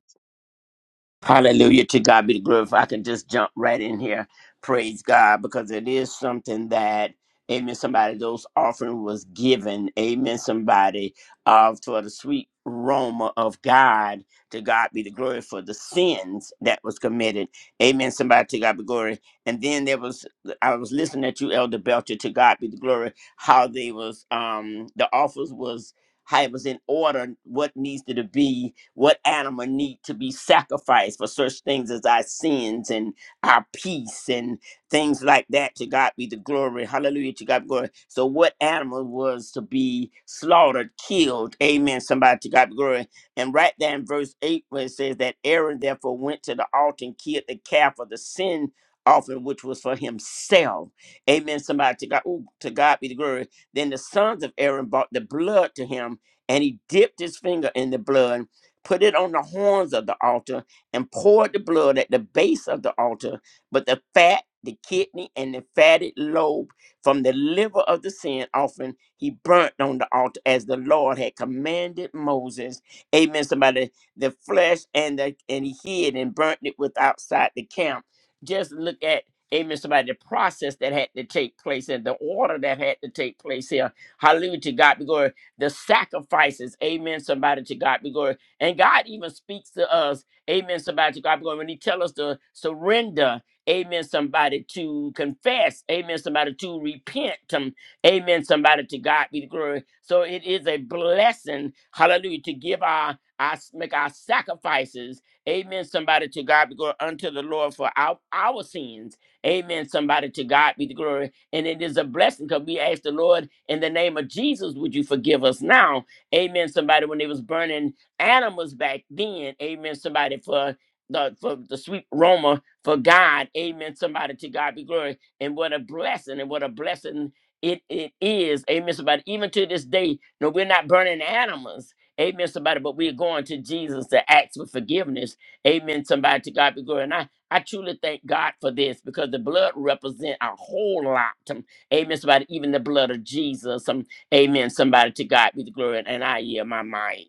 Hallelujah to God be the glory. If I can just jump right in here, praise God, because it is something that, amen, somebody, those offering was given, amen, somebody, uh, for the sweet aroma of God, to God be the glory for the sins that was committed, amen, somebody, to God be the glory. And then there was, I was listening at you, Elder Belcher, to God be the glory, how they was, um, the offers was how it was in order what needs to be what animal need to be sacrificed for such things as our sins and our peace and things like that to god be the glory hallelujah to god be glory so what animal was to be slaughtered killed amen somebody to god be glory and right there in verse 8 where it says that aaron therefore went to the altar and killed the calf of the sin offering which was for himself amen somebody to god Ooh, to god be the glory then the sons of Aaron brought the blood to him, and he dipped his finger in the blood, put it on the horns of the altar, and poured the blood at the base of the altar. But the fat, the kidney, and the fatted lobe from the liver of the sin offering he burnt on the altar as the Lord had commanded Moses. Amen. Somebody, the flesh and the and he hid and burnt it with outside the camp. Just look at amen, somebody, the process that had to take place and the order that had to take place here. Hallelujah to God be glory. The sacrifices, amen, somebody, to God be glory. And God even speaks to us, amen, somebody, to God be glory. When he tells us to surrender, amen, somebody, to confess, amen, somebody, to repent, um, amen, somebody, to God be the glory. So it is a blessing, hallelujah, to give our, our make our sacrifices, amen, somebody, to God be glory unto the Lord for our, our sins Amen. Somebody to God be the glory. And it is a blessing because we ask the Lord in the name of Jesus, would you forgive us now? Amen. Somebody when they was burning animals back then. Amen. Somebody for the for the sweet aroma for God. Amen. Somebody to God be glory. And what a blessing and what a blessing it, it is. Amen. Somebody even to this day, no, we're not burning animals. Amen, somebody, but we're going to Jesus to ask for forgiveness. Amen, somebody, to God be glory. and I. I truly thank God for this because the blood represent a whole lot. Um, Amen. Somebody, even the blood of Jesus. Um, amen. Somebody to God be the glory, and I hear my mind.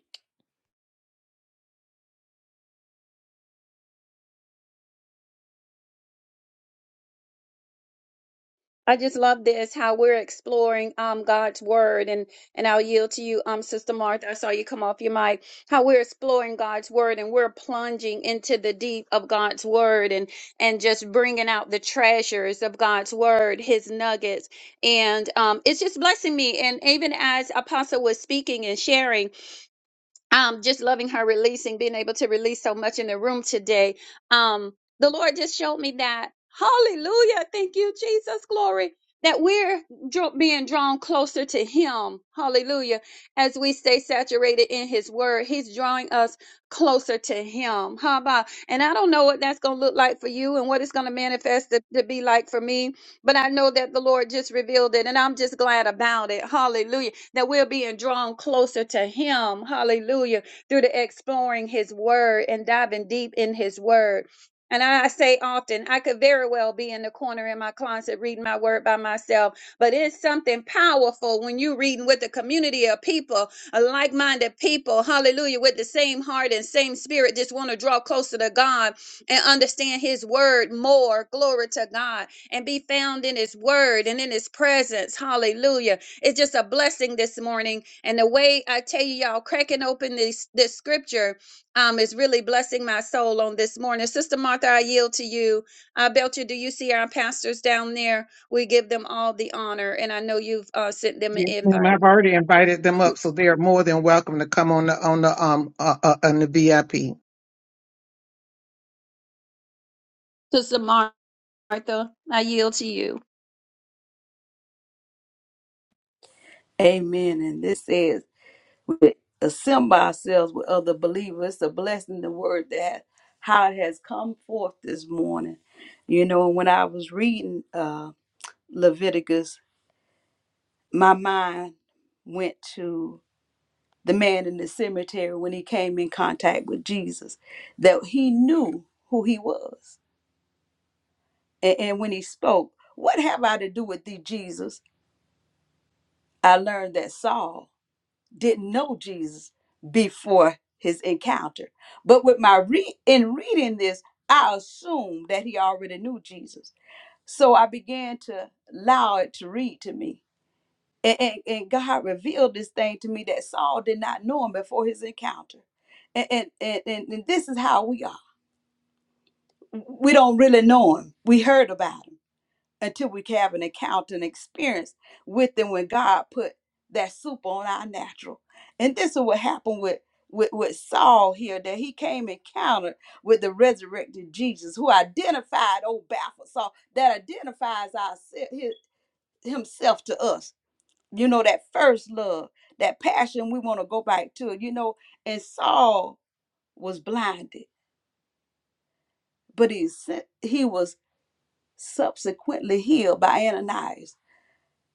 I just love this how we're exploring um God's word and and I'll yield to you um Sister Martha I saw you come off your mic how we're exploring God's word and we're plunging into the deep of God's word and and just bringing out the treasures of God's word his nuggets and um it's just blessing me and even as apostle was speaking and sharing um just loving her releasing being able to release so much in the room today um the lord just showed me that hallelujah thank you jesus glory that we're dr- being drawn closer to him hallelujah as we stay saturated in his word he's drawing us closer to him how about and i don't know what that's going to look like for you and what it's going to manifest to, to be like for me but I know that the Lord just revealed it, and I'm just glad about it. Hallelujah. That we're being drawn closer to Him. Hallelujah. Through the exploring His Word and diving deep in His Word. And I say often, I could very well be in the corner in my closet reading my word by myself, but it's something powerful when you're reading with a community of people, a like minded people, hallelujah, with the same heart and same spirit, just want to draw closer to God and understand His word more. Glory to God and be found in his word and in his presence. Hallelujah. It's just a blessing this morning. And the way I tell you, y'all, cracking open this, this scripture um, is really blessing my soul on this morning. Sister Martha, I yield to you. Uh, Belcher, do you see our pastors down there? We give them all the honor. And I know you've uh, sent them an Yes, invite. ma'am. I've already invited them up, so they are more than welcome to come on the on the um uh, uh, on the VIP. Sister Martha, I yield to you. Amen. And this is. we assemble ourselves with other believers. It's a blessing, the word that how it has come forth this morning. You know, when I was reading uh, Leviticus, my mind went to the man in the cemetery when he came in contact with Jesus, that he knew who he was. And, and when he spoke, What have I to do with thee, Jesus? I learned that Saul didn't know Jesus before his encounter. But with my re- in reading this, I assumed that he already knew Jesus. So I began to allow it to read to me. And, and, and God revealed this thing to me that Saul did not know him before his encounter. And, and, and, and and this is how we are. We don't really know him. We heard about him until we can have an encounter and experience with them when God put that super on our natural. And this is what happened with with, with Saul here that he came encountered with the resurrected Jesus who identified old baffled Saul that identifies ourself, his, himself to us. You know, that first love, that passion we want to go back to. You know, and Saul was blinded, but he, sent- he was subsequently healed by Ananias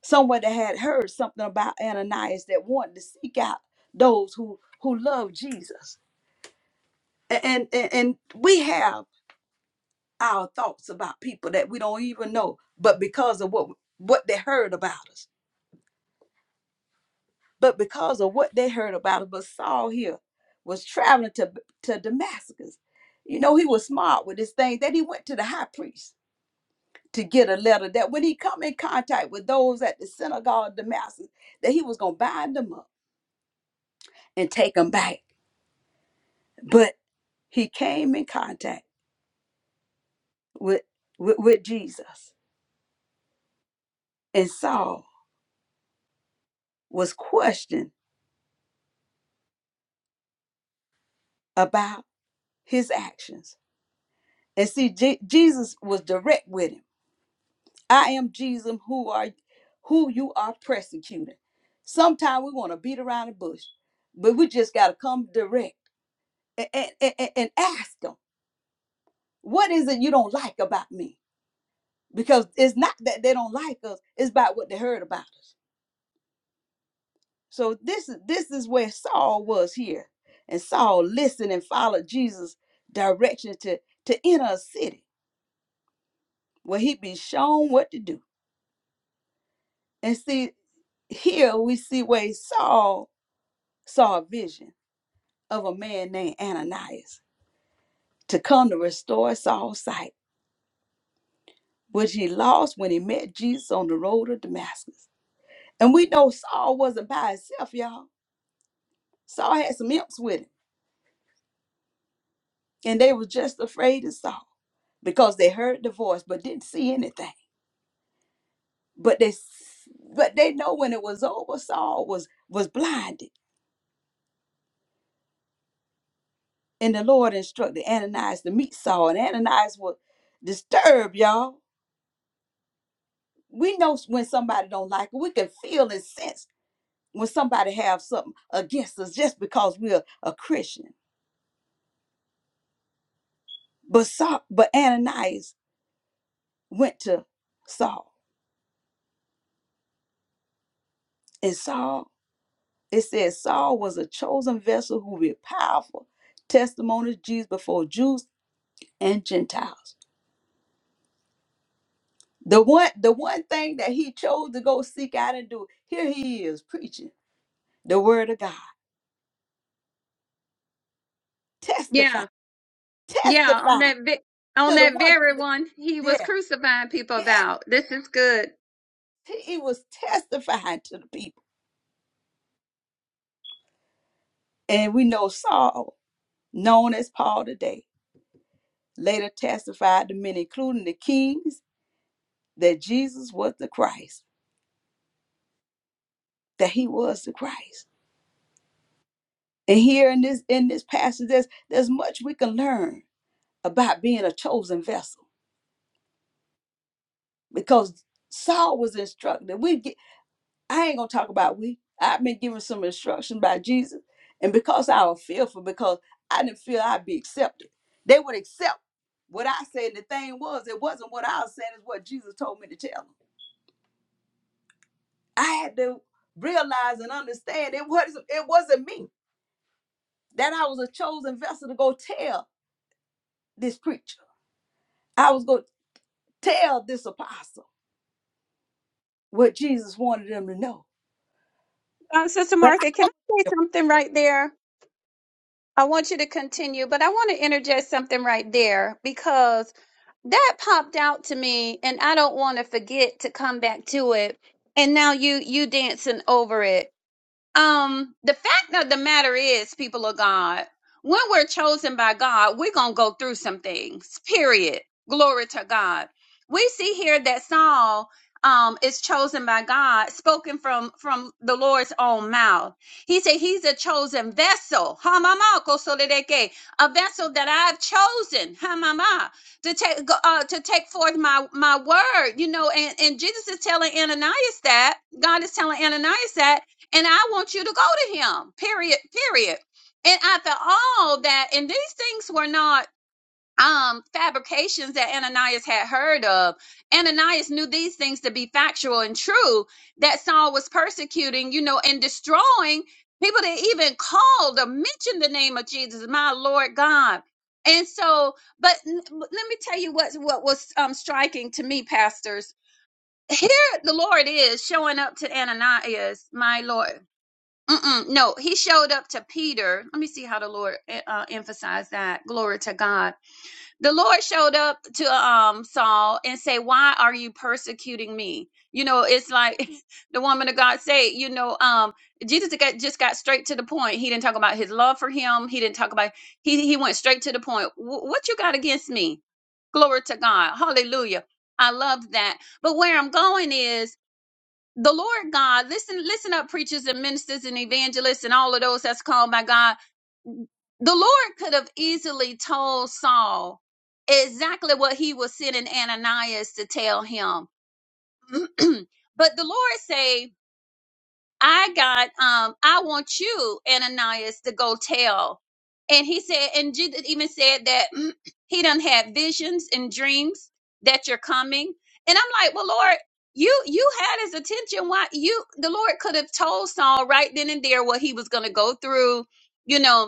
someone that had heard something about Ananias that wanted to seek out those who who love Jesus. A- And and, and we have our thoughts about people that we don't even know, but because of what what they heard about us, but because of what they heard about us, but Saul here was traveling to to Damascus. You know, he was smart with this thing that he went to the high priest to get a letter that when he come in contact with those at the synagogue of Damascus, that he was gonna bind them up and take them back But he came in contact with, with, with Jesus, and Saul was questioned about his actions. And see, Je- Jesus was direct with him. I am Jesus, who are who you are persecuting. Sometimes we want to beat around the bush, but we just got to come direct and, and, and and ask them, what is it you don't like about me? Because it's not that they don't like us, it's about what they heard about us. So this is this is where Saul was here. And Saul listened and followed Jesus' directions to, to enter a city where he'd be shown what to do. And see, here we see where Saul saw a vision of a man named Ananias to come to restore Saul's sight, which he lost when he met Jesus on the road to Damascus. And we know Saul wasn't by himself, y'all. Saul had some imps with him, and they were just afraid of Saul. because they heard the voice but didn't see anything. But they s- but they know when it was over, Saul was was blinded. And the Lord instructed Ananias to meet Saul. And Ananias was disturbed, y'all. We know s- when somebody don't like it. We can feel and sense when somebody have something against us just because we're a Christian. But Saul, but Ananias went to Saul. And Saul, it says Saul was a chosen vessel who be powerful testimony of Jesus before Jews and Gentiles. The one the one thing that he chose to go seek out and do, here he is preaching the word of God. Testify, Yeah, yeah. On testify that, vi- on to the that one very one, he yeah, was yeah. crucifying people yes, about. This is good. he he was testifying to the people. And we know Saul, known as Paul today, later testified to many, including the kings, that Jesus was the Christ, that he was the Christ. And here in this in this passage, there's there's much we can learn about being a chosen vessel because Saul was instructed. We get, I ain't gonna talk about we. I've been given some instruction by Jesus, and because I was fearful, because I didn't feel I'd be accepted, they would accept what I said. The thing was, it wasn't what I was saying; it's what Jesus told me to tell them. I had to realize and understand it was it wasn't me that I was a chosen vessel to go tell this preacher. I was going to tell this apostle what Jesus wanted them to know. Uh, Sister but. Martha, can I say something right there? I want you to continue, but I want to interject something right there because that popped out to me, and I don't want to forget to come back to it. And now you you dancing over it um the fact of the matter is people of god when we're chosen by god we're gonna go through some things period glory to god we see here that saul um is chosen by god spoken from from the lord's own mouth he said he's a chosen vessel Hamama kosolideke, a vessel that i've chosen hamama to take uh, to take forth my my word you know and and jesus is telling ananias that god is telling ananias that and I want you to go to him. Period. Period. And after all that, and these things were not um fabrications that Ananias had heard of. Ananias knew these things to be factual and true that Saul was persecuting, you know, and destroying people that even called or mentioned the name of Jesus, my Lord God. And so, but n- but let me tell you what what was um striking to me, pastors. Here the Lord is showing up to Ananias, my Lord Mm-mm, no, he showed up to Peter. Let me see how the Lord eh, uh, emphasized that. Glory to God. The Lord showed up to um Saul and say, "Why are you persecuting me?" You know, it's like the woman of God say, you know, um, Jesus got, just got straight to the point. He didn't talk about his love for him. He didn't talk about he he went straight to the point. "Wh- what you got against me? Glory to God. Hallelujah. I love that. But where I'm going is the Lord God, listen, listen up, preachers and ministers and evangelists and all of those that's called by God. The Lord could have easily told Saul exactly what he was sending Ananias to tell him. but the Lord say. I got um I want you, Ananias, to go tell. And he said, and Jesus even said that mm, he done had visions and dreams that you're coming. And I'm like, well, Lord, you you had his attention. Why you the Lord could have told Saul right then and there what he was gonna go through, you know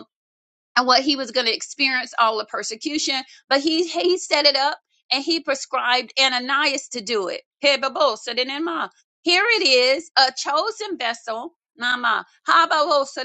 and what he was going to experience all the persecution. But he he set it up and he prescribed Ananias to do it. Hey, so Here it is, a chosen vessel. Mama, so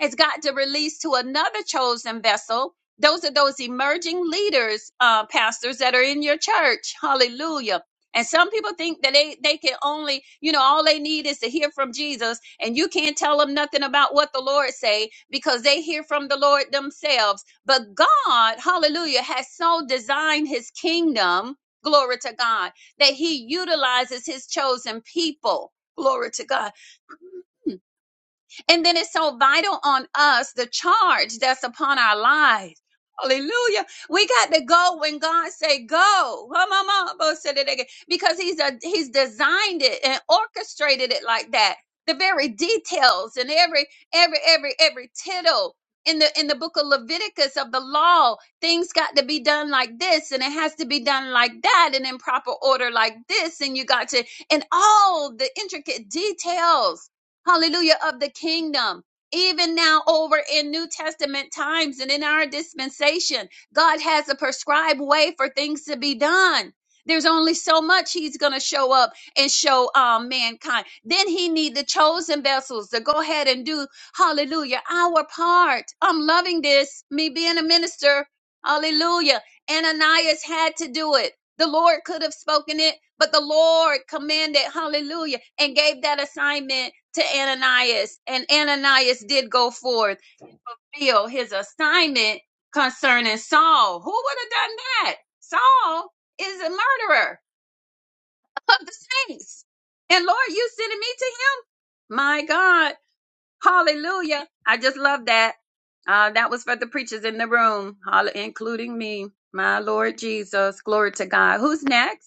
it's got to release to another chosen vessel. Those are those emerging leaders, uh, pastors that are in your church. Hallelujah and some people think that they, they can only, you know, all they need is to hear from Jesus and you can't tell them nothing about what the Lord say because they hear from the Lord themselves. But God, hallelujah, has so designed his kingdom, glory to God, that he utilizes his chosen people. Glory to God and then it's so vital on us, the charge that's upon our lives. Hallelujah. We got to go when God say go. Come on, mama, bo- said it again. Because he's a he's designed it and orchestrated it like that. The very details and every every every every tittle in the in the book of Leviticus of the law, things got to be done like this and it has to be done like that and in proper order like this and you got to and all the intricate details hallelujah, of the kingdom. Even now, over in New Testament times and in our dispensation, God has a prescribed way for things to be done. There's only so much He's going to show up and show um, mankind. Then He need the chosen vessels to go ahead and do, hallelujah, our part. I'm loving this, me being a minister, hallelujah. Ananias had to do it. The Lord could have spoken it, but the Lord commanded, hallelujah, and gave that assignment to Ananias. And Ananias did go forth and fulfill his assignment concerning Saul. Who would have done that? Saul is a murderer of the saints. And Lord, you sending me to him? My God. Hallelujah. I just love that. Uh, that was for the preachers in the room, hall- including me. My Lord Jesus. Glory to God. Who's next?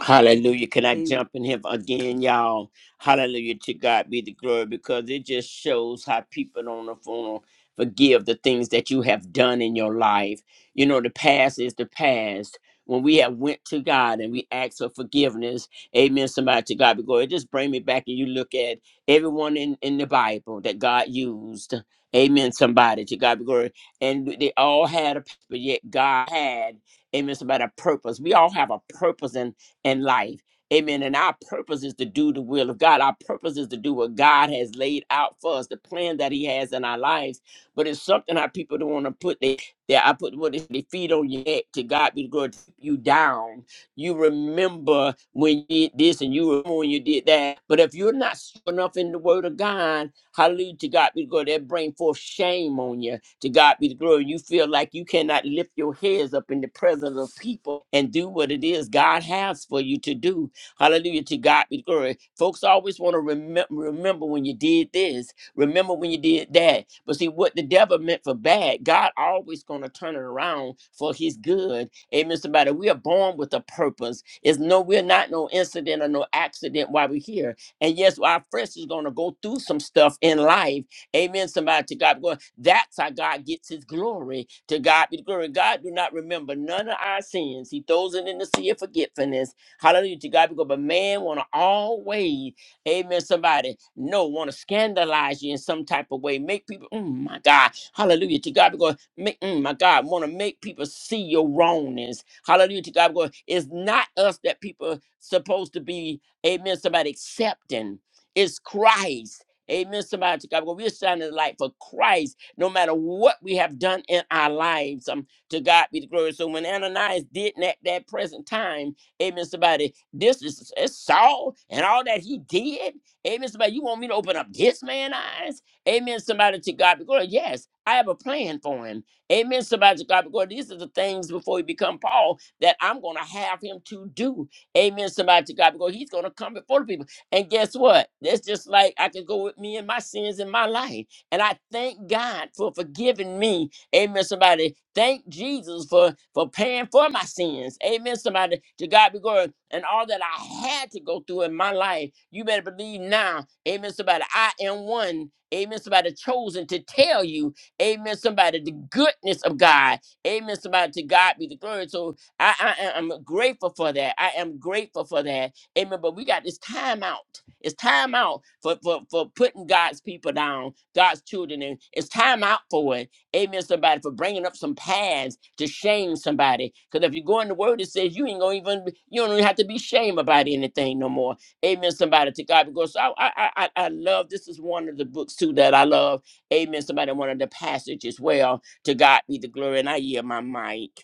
Hallelujah. Can I Amen. jump in here again, y'all? Hallelujah. To God be the glory because it just shows how people on the phone forgive the things that you have done in your life. You know, the past is the past. When we have went to God and we ask for forgiveness, amen, somebody to God be glory. It Just bring me back and you look at everyone in, in the Bible that God used. Amen, somebody to God be glory. And they all had a, but yet God had, amen, somebody a purpose. We all have a purpose in and life. Amen. And our purpose is to do the will of God. Our purpose is to do what God has laid out for us, the plan that He has in our lives. But it's something our people don't want to put their, their I put what is their feet on your neck to God be going to keep you down. You remember when you did this and you remember when you did that. But if you're not strong enough in the word of God, hallelujah to God be good, that bring forth shame on you to God be the glory. You feel like you cannot lift your heads up in the presence of people and do what it is God has for you to do. Hallelujah. To God be the glory. Folks always want to remember remember when you did this, remember when you did that. But see what the devil meant for bad, God always gonna turn it around for his good. Amen. Somebody, we are born with a purpose. It's no, we're not no incident or no accident while we're here. And yes, our flesh is gonna go through some stuff in life Amen. Somebody to God be glory. That's how God gets his glory. To God be the glory. God do not remember none of our sins. He throws it in the sea of forgetfulness. Hallelujah. To God be glory. But man wanna always, amen. Somebody no wanna scandalize you in some type of way. Make people, mm, my God. Hallelujah. To God be glory. Make, mm, my God, wanna make people see your wrongness. Hallelujah. To God be glory. It's not us that people supposed to be, amen. Somebody accepting. It's Christ. Amen. Somebody to God. Well, we're shining the light for Christ, no matter what we have done in our lives. Um, to God be the glory. So when Ananias did at that that present time, amen. Somebody, this is it's Saul and all that he did. Amen. Somebody, you want me to open up this man's eyes? Amen. Somebody to God be the glory. Yes, I have a plan for him. Amen. Somebody to God be the glory. These are the things before he become Paul that I'm gonna have him to do. Amen. Somebody to God be the glory. He's gonna come before the people. And guess what? That's just like I can go with me and my sins in my life. And I thank God for forgiving me. Amen. Somebody thank Jesus for for paying for my sins. Amen. Somebody to God be glory. And all that I had to go through in my life, you better believe now. Amen. Somebody, I am one. Amen. Somebody chosen to tell you. Amen. Somebody the goodness of God. Amen. Somebody to God be the glory. So I, I am grateful for that. I am grateful for that. Amen. But we got this time out. It's time out for, for, for putting God's people down, God's children in. It's time out for it. Amen, somebody, for bringing up some paths to shame somebody. Because if you go in the word, it says you ain't going to even, you don't even have to be shamed about anything no more. Amen, somebody, to God. Because I, I, I, I I love, this is one of the books too that I love. Amen, somebody, one of the passages, well, to God be the glory. And I yield my mic.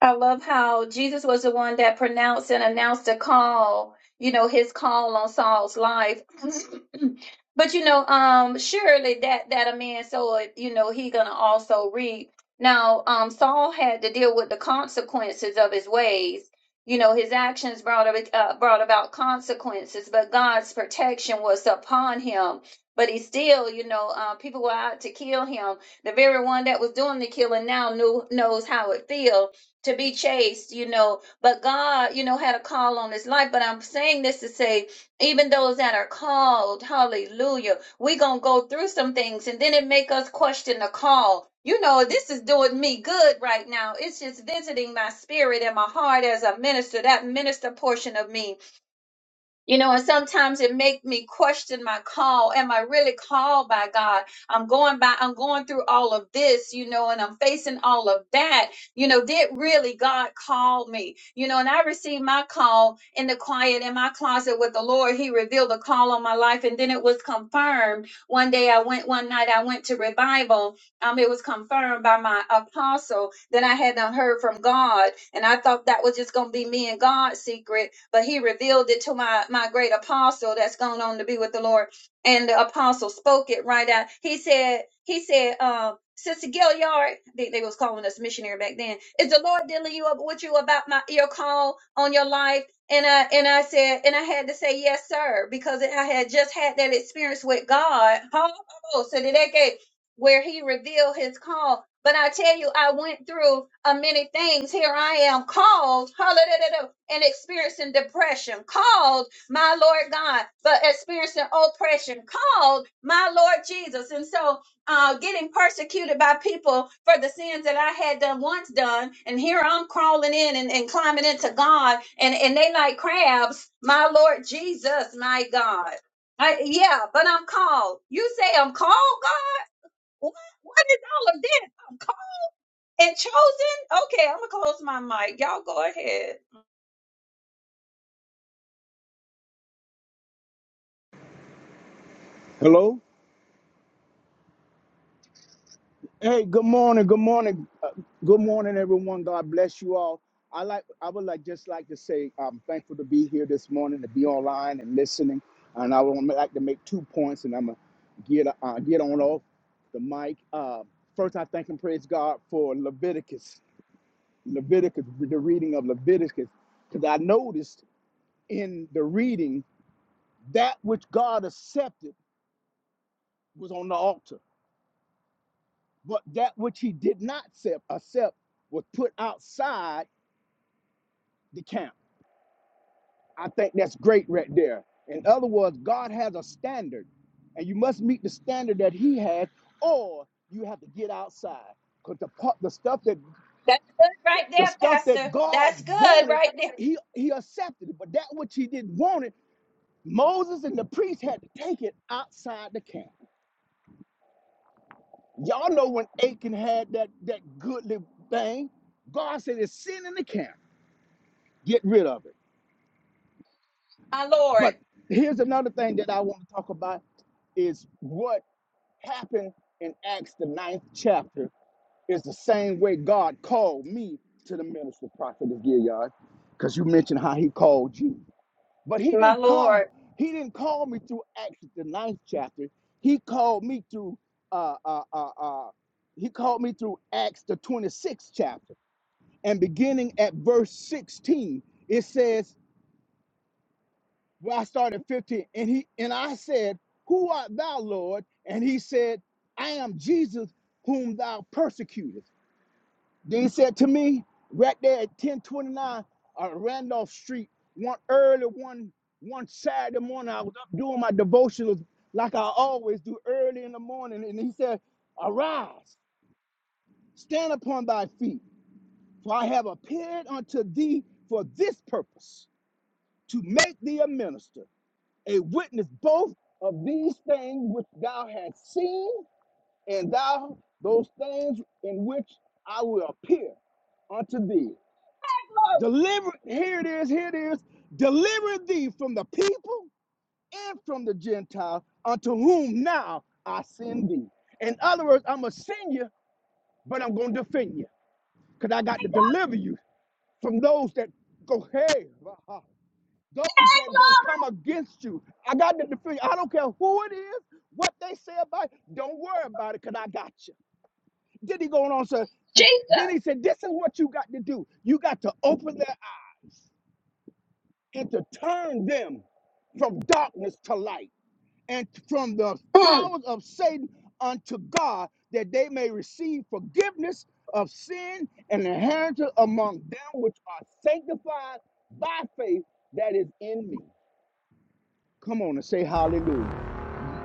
I love how Jesus was the one that pronounced and announced the call, you know, his call on Saul's life. but you know, um, surely that that a man soweth, you know, he gonna also reap. Now, um, Saul had to deal with the consequences of his ways. You know, his actions brought ab- uh, brought about consequences, but God's protection was upon him. But he still, you know, uh, people were out to kill him. The very one that was doing the killing now knew knows how it feels to be chased, you know, but God, you know, had a call on his life. But I'm saying this to say, even those that are called, hallelujah, we gonna go through some things and then it make us question the call. You know, this is doing me good right now. It's just visiting my spirit and my heart as a minister, that minister portion of me. You know, and sometimes it make me question my call. Am I really called by God? I'm going by, I'm going through all of this, you know, and I'm facing all of that. You know, did really God call me? You know, and I received my call in the quiet in my closet with the Lord. He revealed a call on my life and then it was confirmed. One day I went, one night I went to revival um, it was confirmed by my apostle that I had not heard from God, and I thought that was just gonna be me and God's secret, but he revealed it to my my great apostle that's gone on to be with the Lord, and the apostle spoke it right out. He said, he said, um. Sister Gilliard, they, they was calling us missionary back then. Is the Lord dealing you up with you about my your call on your life? And I and I said and I had to say yes, sir, because I had just had that experience with God. Oh, so did that where he revealed his call. But I tell you, I went through uh, many things. Here I am called, hallelujah, and experiencing depression, called my Lord God, but experiencing oppression, called my Lord Jesus. And so uh, getting persecuted by people for the sins that I had done once done. And here I'm crawling in and, and climbing into God and, and they like crabs, my Lord Jesus, my God. I, yeah, but I'm called. You say I'm called, God? What? What is all of this? I'm called and chosen? Okay, I'm gonna close my mic. Y'all go ahead. Hello. Hey, good morning. Good morning. Uh, good morning, everyone. God bless you all. I like. I would like just like to say I'm thankful to be here this morning, to be online and listening. And I would like to make two points, and I'm gonna get uh, get on off the mic. Uh, first, I thank and praise God for Leviticus, Leviticus, the reading of Leviticus, because I noticed in the reading that which God accepted was on the altar. But that which he did not accept, accept was put outside the camp. I think that's great right there. In other words, God has a standard, and you must meet the standard that He has, or you have to get outside. Because the part, the stuff that That's good right the there, stuff that Pastor. God That's good wanted, right there. He He accepted it. But that which He didn't want it, Moses and the priests had to take it outside the camp. Y'all know when Achan had that that goodly thing, God said, "It's sin in the camp. Get rid of it." My Lord. But here's another thing that I want to talk about is what happened in Acts the ninth chapter is the same way God called me to the ministry prophet of Gilead, because you mentioned how he called you. But he My didn't call, Lord. he didn't call me through Acts the ninth chapter. He called me through uh uh uh, uh he called me through Acts the 26th chapter. And beginning at verse 16, it says Well, I started at 15, and he and I said, Who art thou, Lord? And he said, I am Jesus whom thou persecutest. Then he said to me, right there at 1029 uh, Randolph Street, one early one one Saturday morning, I was up doing my devotionals like I always do early in the morning. And he said, Arise, stand upon thy feet, for I have appeared unto thee for this purpose, to make thee a minister a witness both of these things which thou hast seen, and thou those things in which I will appear unto thee. Glory. Deliver, here it is, here it is, deliver thee from the people and from the Gentiles unto whom now I send thee. In other words, I'm going to send you, but I'm going to defend you because I got to deliver you from those that go, hey, those that gonna Hey, come against you. I got the defeat. I don't care who it is, what they say about it. Don't worry about it, cause I got you. Then he going on sir. then he said, this is what you got to do. You got to open their eyes and to turn them from darkness to light and from the glory. Jesus. powers of Satan unto God, that they may receive forgiveness of sin and inheritance among them which are sanctified by faith that is in me. Come on and say hallelujah.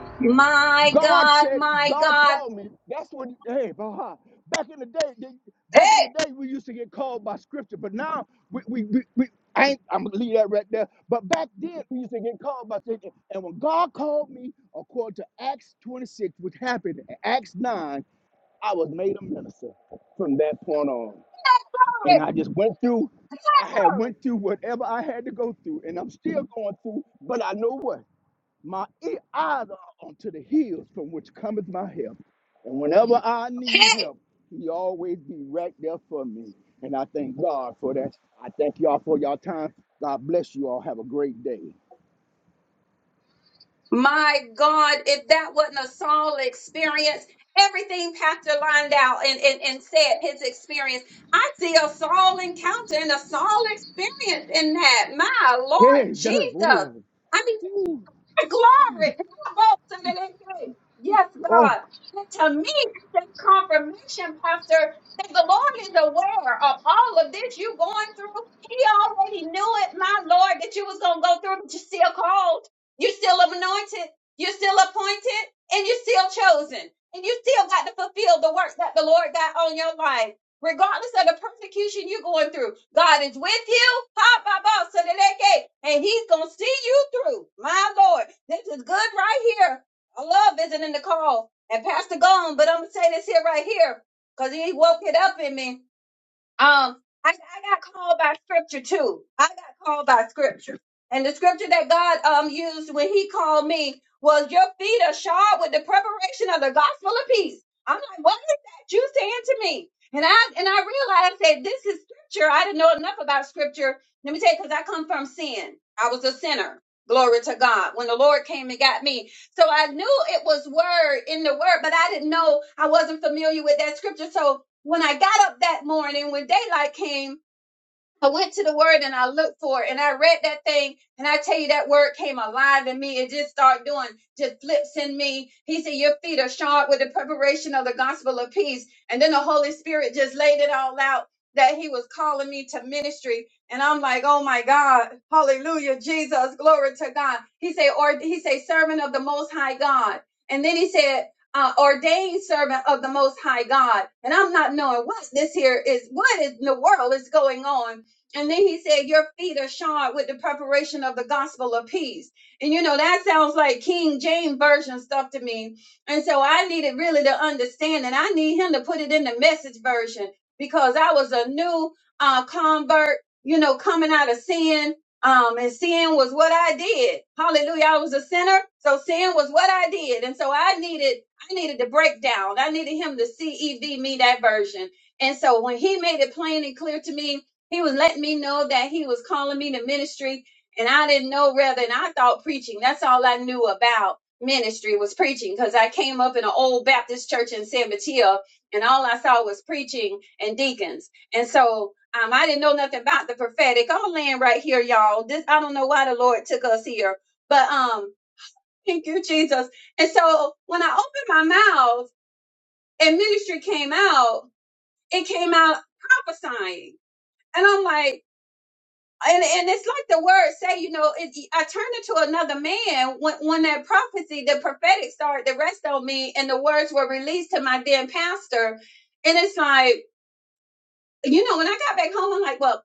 Mm. My God God, said, my God God. called me. That's what, hey, bah, back in the day, they- Hey, back in the hey, day, we used to get called by scripture, but now we, we, we, we I ain't, I'm gonna leave that right there. But back then, we used to get called by scripture. And when God called me, according to Acts 26, which happened in Acts 9, I was made a minister from that point on. And glory. I just went through, Hey, I had went through whatever I had to go through, and I'm still going through, but I know what? My e- eyes are unto the hills from which cometh my help. And whenever I need glory. help, he always be right there for me. And I thank God for that. I thank y'all for y'all time. God bless you all. Have a great day. My God, if that wasn't a Saul experience, everything Pastor lined out and, and, and said his experience, I see a Saul encounter and a Saul experience in that. My Lord Hey, yeah. Jesus. I mean, Glory. Yes, Oh, God. And to me, it's a confirmation, Pastor, that the Lord is aware of all of this you going through. He already knew it, my Lord, that you was gonna go through, but you are still called, you are still anointed, you are still appointed, and you are still chosen, and you still got to fulfill the work that the Lord got on your life regardless of the persecution you're going through. God is with you, ha, ba, ba, so that they can- and He's gonna see you through. My Lord, this is good right here. I love visiting the call and Pastor Gone, but I'm gonna say this here right here because He woke it up in me. Um, I, I got called by scripture too. I got called by scripture. And the scripture that God um used when he called me was your feet are shod with the preparation of the gospel of peace. I'm like, what is that you saying to me? And I and I realized that this is scripture. I didn't know enough about scripture. Let me tell you, because I come from sin. I was a sinner. Glory to God. When the Lord came and got me. So I knew it was word in the word, but I didn't know I wasn't familiar with that scripture. So when I got up that morning, when daylight came, I went to the word and I looked for it and I read that thing and I tell you that word came alive in me. It just started doing just flips in me. He said, Your feet are shod with the preparation of the gospel of peace. And then the Holy Spirit just laid it all out that he was calling me to ministry. And I'm like, oh my God, hallelujah, Jesus, glory to God. He said, or he said, servant of the most high God. And then he said, uh, ordained servant of the most high God. And I'm not knowing what this here is, what in the world is going on and then he said, Your feet are shod with the preparation of the gospel of peace. And you know, that sounds like King James Version stuff to me. And so I needed really to understand, and I need him to put it in the message version because I was a new uh, convert, you know, coming out of sin. Um, and sin was what I did. Hallelujah. I was a sinner. So sin was what I did. And so I needed, I needed the breakdown. I needed him to CEV me that version. And so when he made it plain and clear to me, he was letting me know that he was calling me to ministry, and I didn't know rather. And I thought preaching, that's all I knew about ministry was preaching because I came up in an old Baptist church in San Mateo, and all I saw was preaching and deacons. And so um, I didn't know nothing about the prophetic. I'll land right here, y'all. This I don't know why the Lord took us here, but um, thank you, Jesus. And so when I opened my mouth and ministry came out, it came out prophesying. And I'm like, and and it's like the word say, you know, it, I turned into another man when when that prophecy, the prophetic started to rest on me, and the words were released to my then pastor. And it's like, you know, when I got back home, I'm like, well,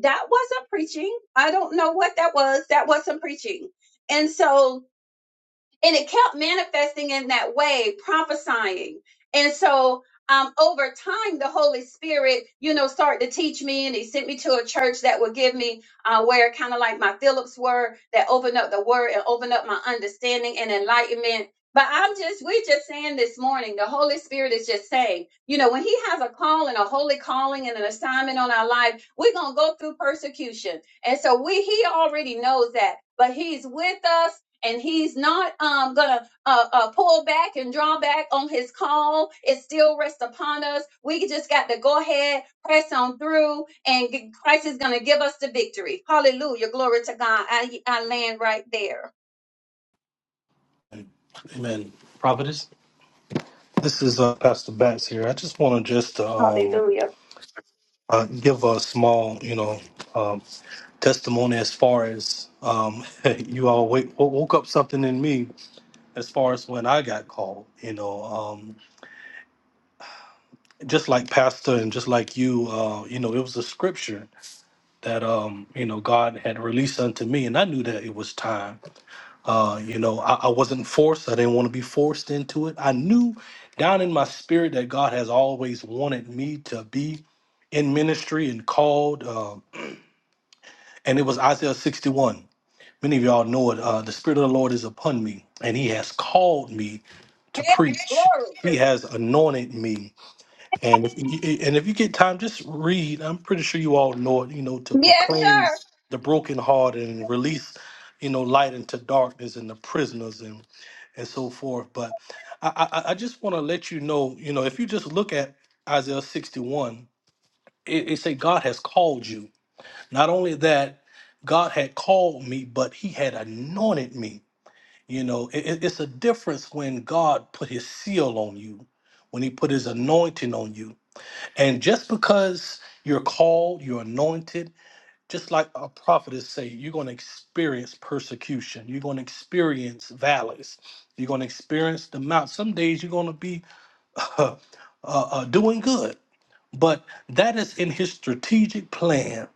that wasn't preaching. I don't know what that was. That wasn't preaching. And so and it kept manifesting in that way, prophesying. And so, um, over time, the Holy Spirit, you know, started to teach me, and He sent me to a church that would give me uh, where kind of like my Phillips were, that opened up the Word and opened up my understanding and enlightenment. But I'm just, we just saying this morning, the Holy Spirit is just saying, you know, when He has a call and a holy calling and an assignment on our life, we're gonna go through persecution, and so we He already knows that, but He's with us and he's not um, gonna uh, uh, pull back and draw back on his call. It still rests upon us. We just got to go ahead, press on through, and g- Christ is gonna give us the victory. Hallelujah, glory to God. I I land right there. Amen. Prophetess, this is uh, Pastor Batts here. I just want to just um, Hallelujah. uh, give a small, you know, um, testimony as far as um, you all wake, wo- woke up something in me as far as when I got called. You know, um, just like Pastor and just like you, uh, you know, it was a scripture that um, you know God had released unto me, and I knew that it was time. Uh, you know, I, I wasn't forced. I didn't want to be forced into it. I knew down in my spirit that God has always wanted me to be in ministry and called. Uh, and it was Isaiah 61. Many of y'all know it. Uh, the Spirit of the Lord is upon me, and He has called me to Hey, preach. glory. He has anointed me. And if you, and if you get time, just read. I'm pretty sure you all know it. You know, to Yes, proclaim sir. the broken heart and release, you know, light into darkness and the prisoners and so forth. But I, I, I just want to let you know, you know, if you just look at Isaiah 61, it, it say God has called you. Not only that, God had called me, but He had anointed me. You know, it, it- it's a difference when God put His seal on you, when He put His anointing on you, and just because you're called, you're anointed just like our prophetess say, you're going to experience persecution. You're going to experience valleys. You're going to experience the mount. Some days you're going to be uh, uh, uh, doing good, but that is in His strategic plan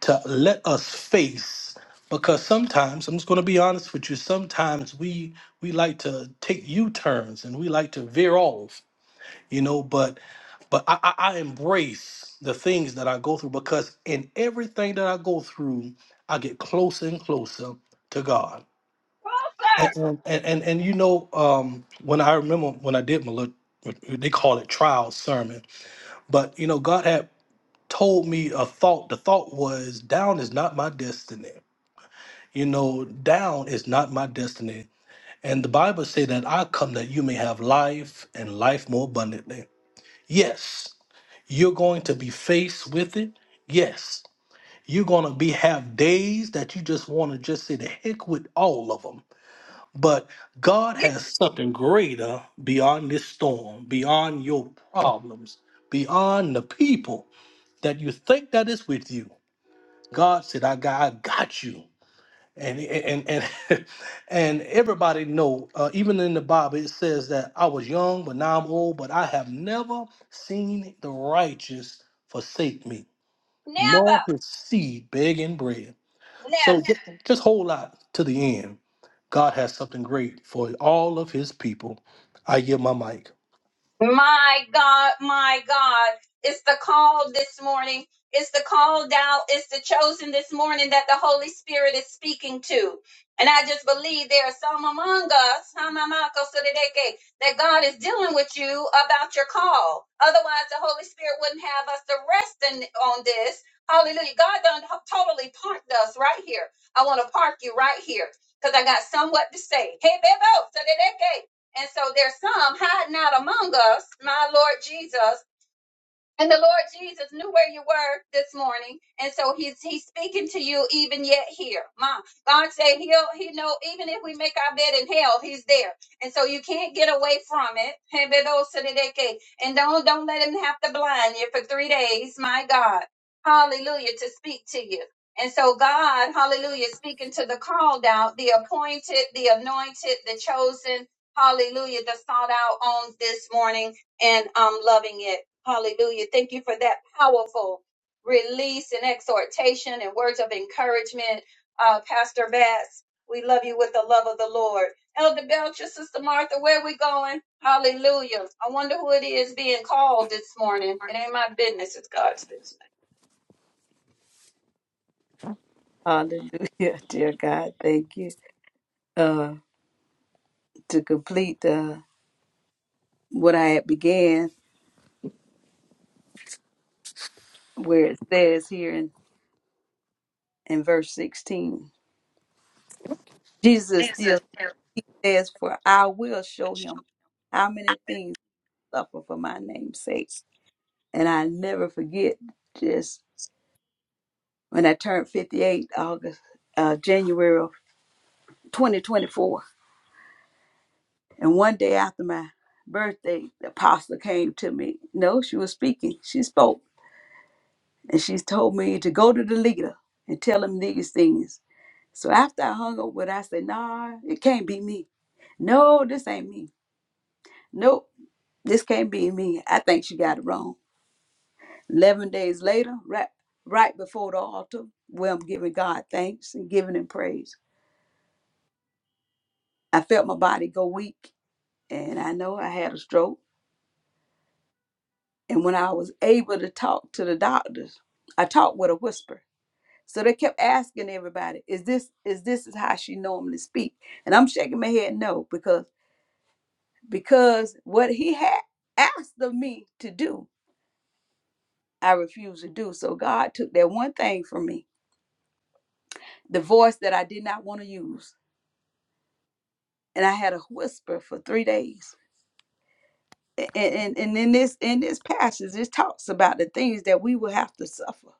to let us face. Because sometimes I'm just going to be honest with you. Sometimes we we like to take U turns and we like to veer off you know but but I, I I embrace the things that i go through because in everything that i go through i get closer and closer to god Come, on, sir. and and and, and, and you know um when i remember when i did my little they call it trial sermon but you know god had told me a thought the thought was down is not my destiny you know down is not my destiny and the bible say that i come that you may have life and life more abundantly yes You're going to be faced with it. Yes. You're going to be have days that you just want to just say the heck with all of them. But God Yes, has something greater beyond this storm, beyond your problems, beyond the people that you think that is with you. God said, I got, I got you. And and and and everybody know, uh, even in the Bible, it says that I was young, but now I'm old, but I have never seen the righteous forsake me now. nor his seed begging bread. now. So ju- just hold out to the end. God has something great for all of his people. I give my mic. My God, my God. It's the call this morning. It's the called out. It's the chosen this morning that the Holy Spirit is speaking to. And I just believe there are some among us, Hamamako Sodedeke, that God is dealing with you about your call. Otherwise, the Holy Spirit wouldn't have us to rest in, on this. Hallelujah. God done totally parked us right here. I want to park you right here because I got somewhat to say. Hey, Bebo, Sodedeke. And so there's some hiding out among us, my Lord Jesus, and the Lord Jesus knew where you were this morning. And so he's he's speaking to you even yet here. Mom, God said he'll he know even if we make our bed in hell, he's there. And so you can't get away from it. And don't don't let him have to blind you for three days. My God. Hallelujah. To speak to you. And so God, hallelujah, speaking to the called out, the appointed, the anointed, the chosen, hallelujah, the sought out on this morning and I'm loving it. Hallelujah. Thank you for that powerful release and exhortation and words of encouragement, uh, Pastor Bass. We love you with the love of the Lord. Elder Belcher, Sister Martha, where we going? Hallelujah. I wonder who it is being called this morning. It ain't my business, it's God's business. Hallelujah, dear God, thank you. Uh, to complete uh, what I had began, where it says here in, in verse 16, Jesus still says, For I will show him how many things he suffered for my name's sake. And I never forget just when I turned 58, August, uh, January of 2024. And one day after my birthday, the apostle came to me. No, she was speaking. She spoke. And she told me to go to the leader and tell him these things. So after I hung up with her, I said, nah, it can't be me. No, this ain't me. Nope, this can't be me. I think she got it wrong. 11 days later, right, right before the altar, where I'm giving God thanks and giving him praise, I felt my body go weak. And I know I had a stroke And when I was able to talk to the doctors, I talked with a whisper. So they kept asking everybody, "Is this is this is how she normally speak?" And I'm shaking my head no because because what he had asked of me to do, I refused to do. So God took that one thing from me, the voice that I did not want to use, and I had a whisper for three days. And, and and in this in this passage, it talks about the things that we will have to suffer,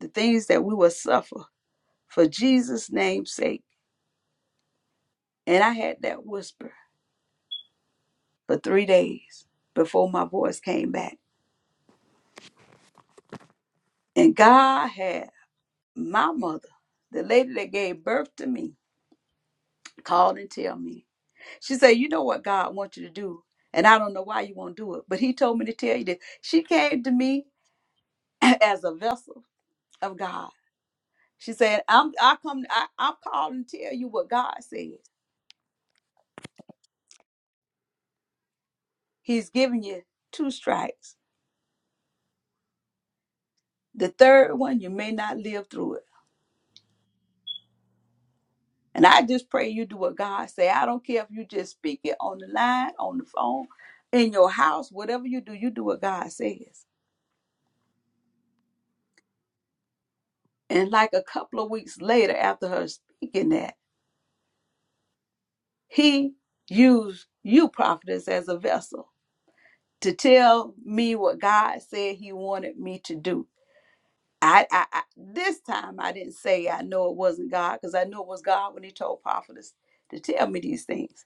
the things that we will suffer for Jesus' name's sake. And I had that whisper for three days before my voice came back. And God had my mother, the lady that gave birth to me, called and tell me. She said, You know what God wants you to do. And I don't know why you won't do it, but He told me to tell you this. She came to me as a vessel of God. She said, I'm I come I, I'm called and tell you what God said. He's giving you two strikes. The third one you may not live through it. And I just pray you do what God say. I don't care if you just speak it on the line, on the phone, in your house, whatever you do, you do what God says. And like a couple of weeks later, after her speaking that, he used you, prophetess, as a vessel to tell me what God said he wanted me to do. I, I, I this time I didn't say I know it wasn't God because I knew it was God when he told prophetess to tell me these things,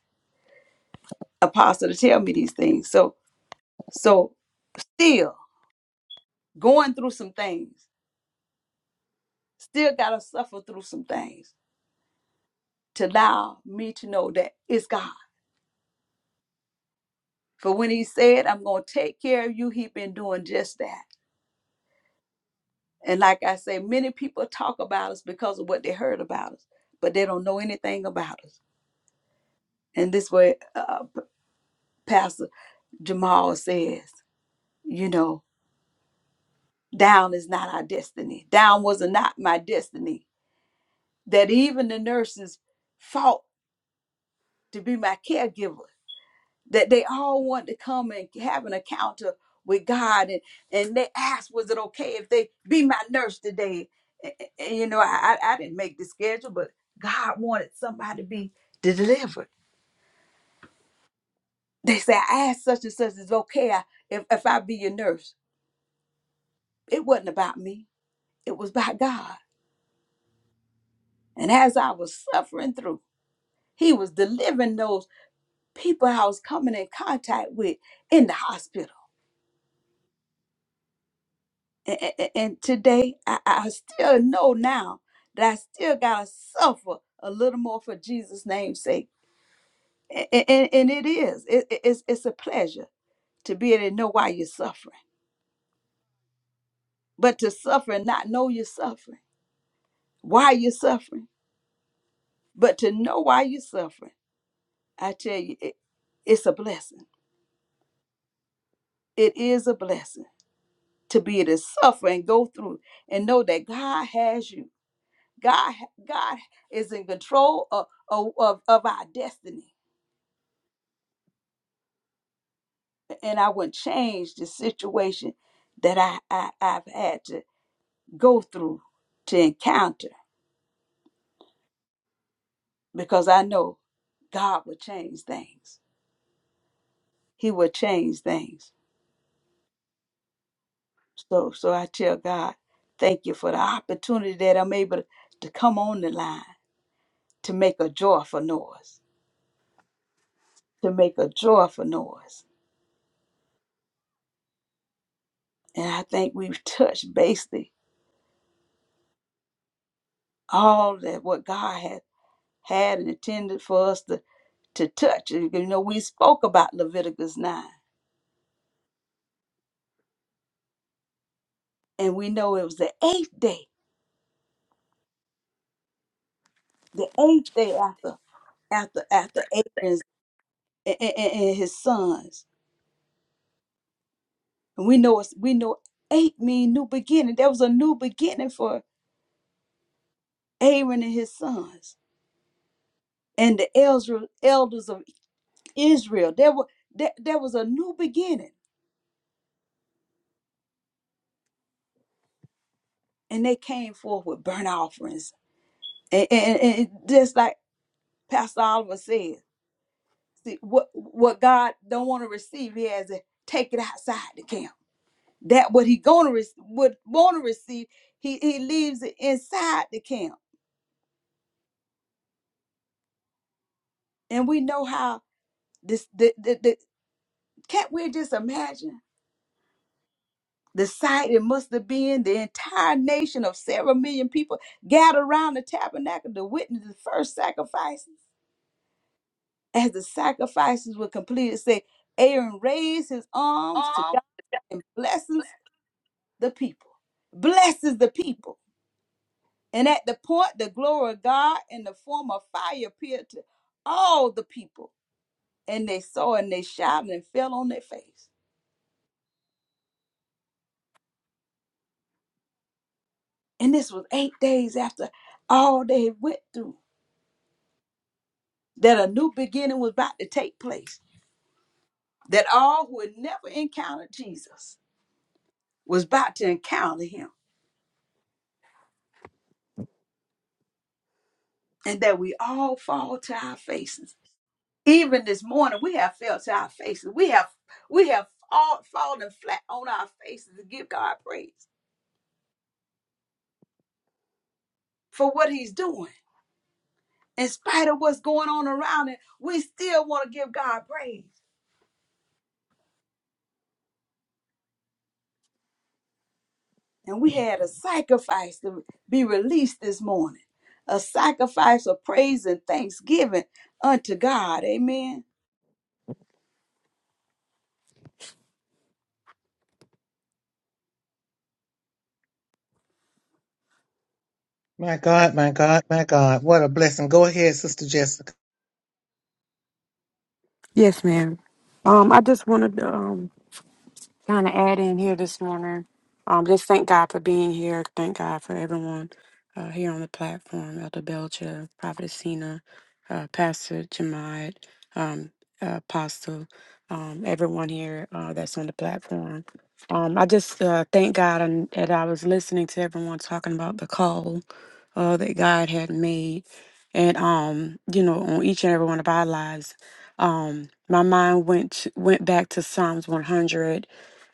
apostle to tell me these things. So, so still. going through some things, still got to suffer through some things to allow me to know that it's God. For when He said, I'm going to take care of you, He been doing just that. And like I say, many people talk about us because of what they heard about us, but they don't know anything about us. And this way, uh, Pastor Jamal says, you know, down is not our destiny. Down was not my destiny. That even the nurses fought to be my caregiver that they all want to come and have an encounter with God and and they asked was it okay if they be my nurse today A- a- and, you know I, I I didn't make the schedule but God wanted somebody to be delivered they said I asked such and such is it okay I- if, if I be your nurse it wasn't about me it was by God and as I was suffering through he was delivering those people I was coming in contact with in the hospital And, and, and today, I, I still know now that I still got to suffer a little more for Jesus' name's sake. And, and, and it is. It, it- it's, it's a pleasure to be able to know why you're suffering. But to suffer and not know you're suffering, why you're suffering, but to know why you're suffering, I tell you, it, it's a blessing. It is a blessing to be able to suffer and go through and know that God has you. God, God is in control of, of, of our destiny. And I wouldn't change the situation that I, I, I've had to go through to encounter because I know God will change things. He will change things. So so I tell God, thank you for the opportunity that I'm able to come on the line to make a joyful noise. To make a joyful noise. And I think we've touched basically all that what God has. had and intended for us to, to touch. You know, we spoke about Leviticus 9, and we know it was the eighth day, the eighth day after after after Aaron's and, and and his sons. And we know it's, we know eight mean new beginning. There was a new beginning for Aaron and his sons and the elders elders of Israel. There were there, there was a new beginning, and they came forth with burnt offerings. And, and, and and just like Pastor Oliver said, See, what what God don't want to receive, He has to take it outside the camp. That what He gonna re- would want to receive, He He leaves it inside the camp, and we know how this. The, the, the can't we just imagine the sight? It must have been the entire nation of several million people gathered around the tabernacle to witness the first sacrifices. As the sacrifices were completed, say Aaron raised his arms to God and blesses the people blesses the people And at the point, the glory of God in the form of fire appeared to all the people. And they saw and they shouted and fell on their face. And this was eight days after all they went through, that a new beginning was about to take place, that all who had never encountered Jesus was about to encounter him, and that we all fall to our faces. Even this morning, we have fell to our faces. We have we have all fallen flat on our faces to give God praise for what he's doing in spite of what's going on around it, we still want to give God praise. And we had a sacrifice to be released this morning, a sacrifice of praise and thanksgiving unto God. Amen. My God, my God, my God! What a blessing! Go ahead, Sister Jessica. Yes, ma'am. Um, I just wanted to um, kind of add in here this morning. Um, just thank God for being here. Thank God for everyone uh, here on the platform Elder Belcher, Prophet Sina, uh, Pastor Jemad, um, uh, Apostle, um, everyone here uh, that's on the platform. Um, I just uh, thank God and that I was listening to everyone talking about the call uh, that God had made, and um, you know, on each and every one of our lives. Um, my mind went to- went back to Psalms 100,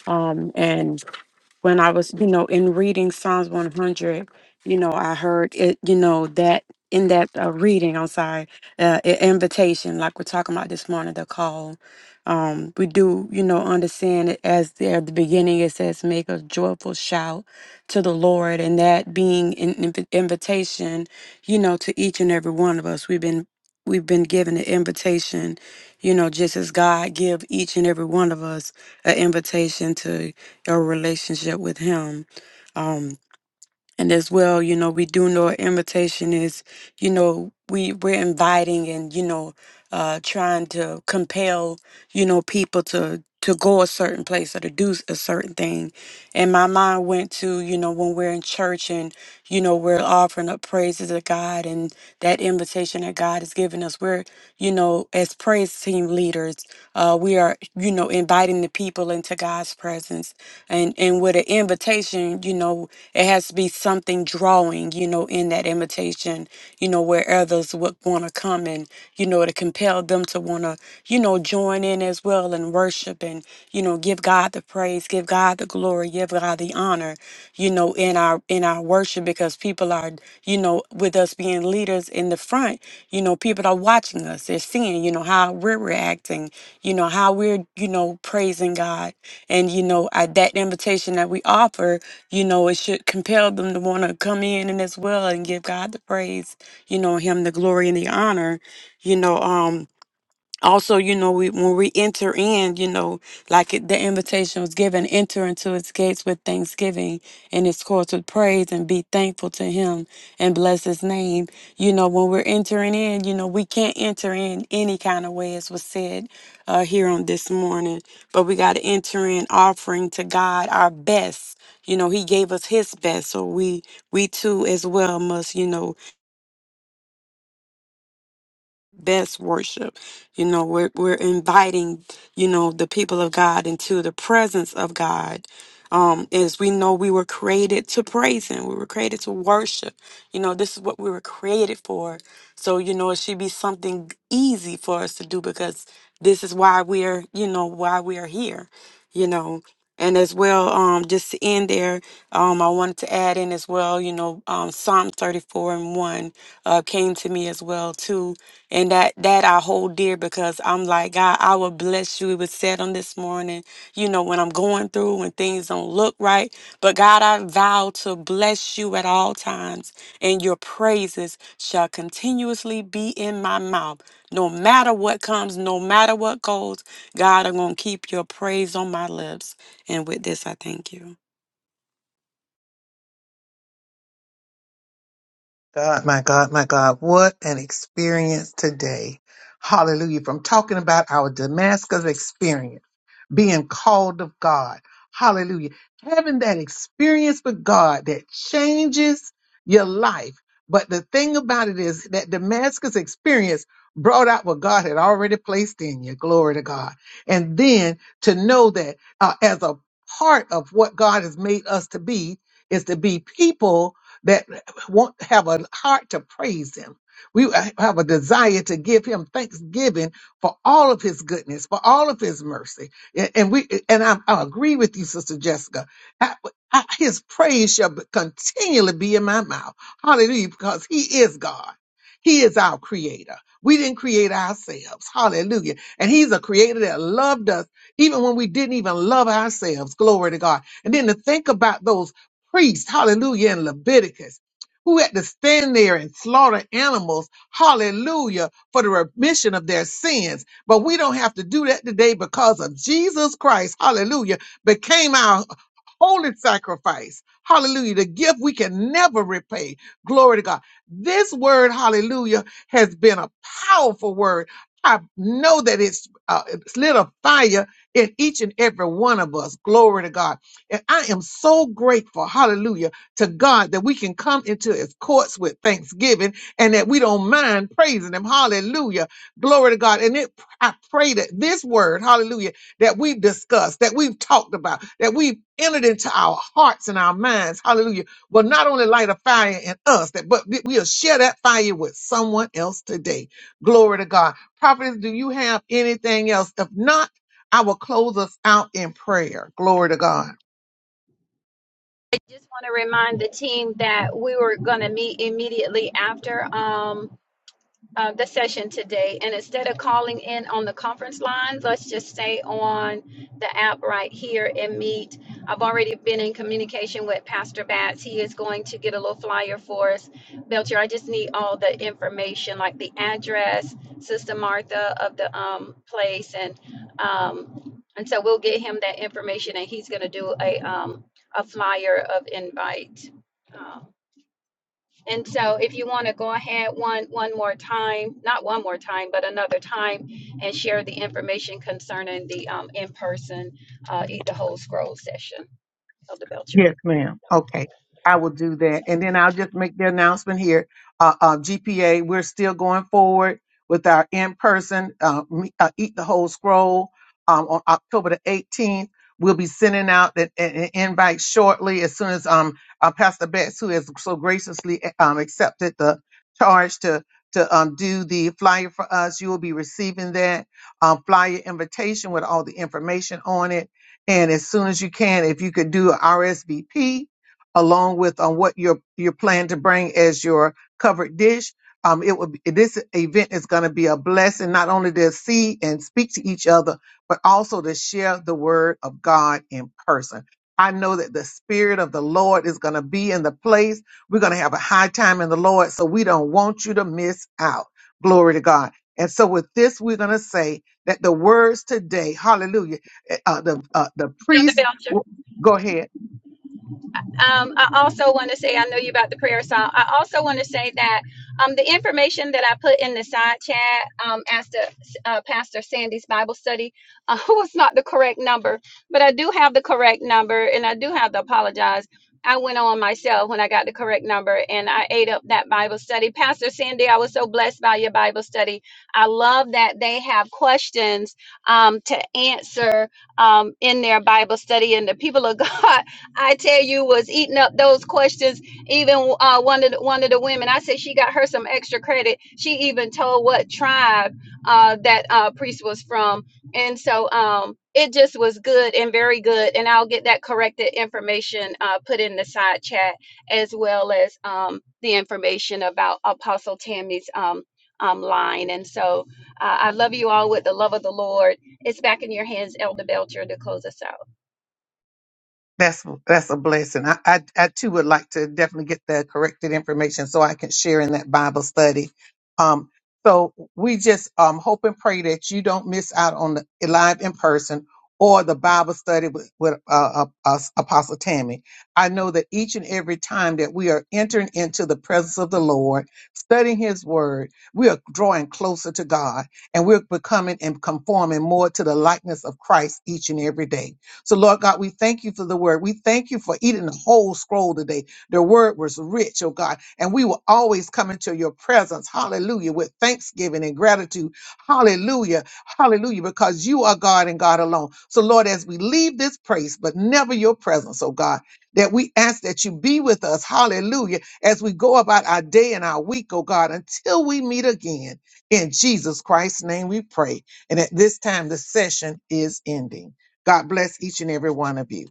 um, and when I was, you know, in reading Psalms 100, you know, I heard it, you know, that in that uh, reading, I'm sorry, uh, i- invitation, like we're talking about this morning, the call. Um, we do, you know, understand it as the, at the beginning it says, make a joyful shout to the Lord, and that being an inv- invitation, you know, to each and every one of us. We've been we've been given an invitation, you know, just as God give each and every one of us an invitation to a relationship with him um and as well you know we do know invitation is you know we we're inviting and you know uh trying to compel you know people to to go a certain place or to do s- a certain thing and my mind went to you know when we're in church and you know we're offering up praises to god and that invitation that god has given us we're you know as praise team leaders uh we are you know inviting the people into god's presence and and with an invitation you know it has to be something drawing you know in that invitation you know where others would want to come and you know to compel them to want to you know join in as well and worship and you know give god the praise give god the glory give god the honor you know in our in our worship because people are you know with us being leaders in the front you know people are watching us they're seeing you know how we're reacting you know how we're you know praising god and, you know, at that invitation that we offer, you know, it should compel them to want to come in and as well and give God the praise, you know, Him the glory and the honor, you know. Um, also you know we, when we enter in you know like it, the invitation was given enter into its gates with thanksgiving and its courts with praise and be thankful to him and bless his name you know when we're entering in you know we can't enter in any kind of way as was said uh, here on this morning but we got to enter in offering to god our best you know he gave us his best so we we too as well must you know best worship. You know, we're we're inviting, you know, the people of God into the presence of God. Um, as we know we were created to praise him. We were created to worship. You know, this is what we were created for. So, you know, it should be something easy for us to do because this is why we are, you know, why we are here, you know. And as well, um, just to end there, um, I wanted to add in as well, you know, um, Psalm 34 and 1 uh, came to me as well, too and that that I hold dear because I'm like, God, I will bless you. It was said on this morning, you know, when I'm going through when things don't look right. But God, I vow to bless you at all times, and your praises shall continuously be in my mouth. No matter what comes, no matter what goes, God, I'm gonna keep your praise on my lips. And with this, I thank you. God, my God, my God! What an experience today! Hallelujah! From talking about our Damascus experience. being called of God. Hallelujah. Having that experience with God that changes your life. But the thing about it is that Damascus experience brought out what God had already placed in you. Glory to God. And then to know that uh, as a part of what God has made us to be is to be people that want have a heart to praise him. We have a desire to give him thanksgiving for all of his goodness, for all of his mercy. Yeah, And we and I, I agree with you, Sister Jessica. I- I- his praise shall be- continually be in my mouth. Hallelujah, because he is God. He is our creator. We didn't create ourselves. Hallelujah. And he's a creator that loved us even when we didn't even love ourselves. Glory to God. And then to think about those priests, hallelujah, in Leviticus who had to stand there and slaughter animals, hallelujah, for the remission of their sins. But we don't have to do that today because of Jesus Christ, hallelujah, became our holy sacrifice. Hallelujah. The gift we can never repay. Glory to God. This word, hallelujah, has been a powerful word. I know that it's, uh, it's lit a fire in each and every one of us. Glory to God. And I am so grateful, hallelujah, to God that we can come into his courts with thanksgiving and that we don't mind praising him. Hallelujah. Glory to God. And it I pray that this word, hallelujah, that we've discussed, that we've talked about, that we've entered into our hearts and our minds, hallelujah, will not only light a fire in us, that but we- we'll share that fire with someone else today. Glory to God. Prophetess, do you have anything else? If not, I will close us out in prayer. Glory to God. Just want to remind the team that we were going to meet immediately after. Um, uh, the session today. And instead of calling in on the conference line, let's just stay on the app right here and meet. I've already been in communication with Pastor Batts. He is going to get a little flyer for us. Belcher, I just need all the information, like the address, Sister Martha of the um, place, and um, and so we'll get him that information, and he's going to do a um, a flyer of invite. Um, and so if you want to go ahead one one more time, not one more time, but another time, and share the information concerning the um, in-person uh, Eat the Whole Scroll session. Elder Belcher. Yes, ma'am. Okay. I will do that. And then I'll just make the announcement here. Uh, uh, GPA, we're still going forward with our in-person uh, me- uh, Eat the Whole Scroll um, on October the 18th. We'll be sending out an, an an invite shortly as soon as um, uh, Pastor Betts, who has so graciously um, accepted the charge to to um, do the flyer for us, you will be receiving that um, flyer invitation with all the information on it and as soon as you can, if you could do a RSVP along with on what your your plan to bring as your covered dish, um, it would be, this event is going to be a blessing not only to see and speak to each other, but also to share the word of God in person. I know that the spirit of the Lord is going to be in the place. We're going to have a high time in the Lord, so we don't want you to miss out. Glory to God. And so with this, we're going to say that the words today, hallelujah uh, the uh, the Elder priest. Belcher. Go ahead. Um, I also want to say, I know you about the prayer song. I also want to say that um, the information that I put in the side chat um, as to uh, Pastor Sandy's Bible study uh, was not the correct number, but I do have the correct number, and I do have to apologize. I went on myself when I got the correct number and I ate up that Bible study. Pastor Sandy, I was so blessed by your Bible study. I love that they have questions um, to answer um, in their Bible study, and the people of God. I tell you, was eating up those questions. Even uh, one of the, one of the women, I said she got her some extra credit. She even told what tribe uh, that uh, priest was from, and so um, it just was good and very good. And I'll get that corrected information uh, put in the side chat as well as um, the information about Apostle Tammy's um, um, line. And so uh, I love you all with the love of the Lord it's back in your hands, Elder Belcher, to close us out. That's that's a blessing. I, I I too would like to definitely get the corrected information so I can share in that Bible study. Um, so we just um hope and pray that you don't miss out on the live in person or the Bible study with, with uh, uh, uh, Apostle Tammy. I know that each and every time that we are entering into the presence of the Lord, studying His Word, we are drawing closer to God and we're becoming and conforming more to the likeness of Christ each and every day. So, Lord God, we thank you for the word. We thank you for eating the whole scroll today. The word was rich, oh God. And we will always come into your presence, hallelujah, with thanksgiving and gratitude. Hallelujah, hallelujah, because you are God and God alone. So, Lord, as we leave this place, but never your presence, oh God, that we ask that you be with us, hallelujah, as we go about our day and our week, oh God, until we meet again. In Jesus Christ's name we pray. And at this time, the session is ending. God bless each and every one of you.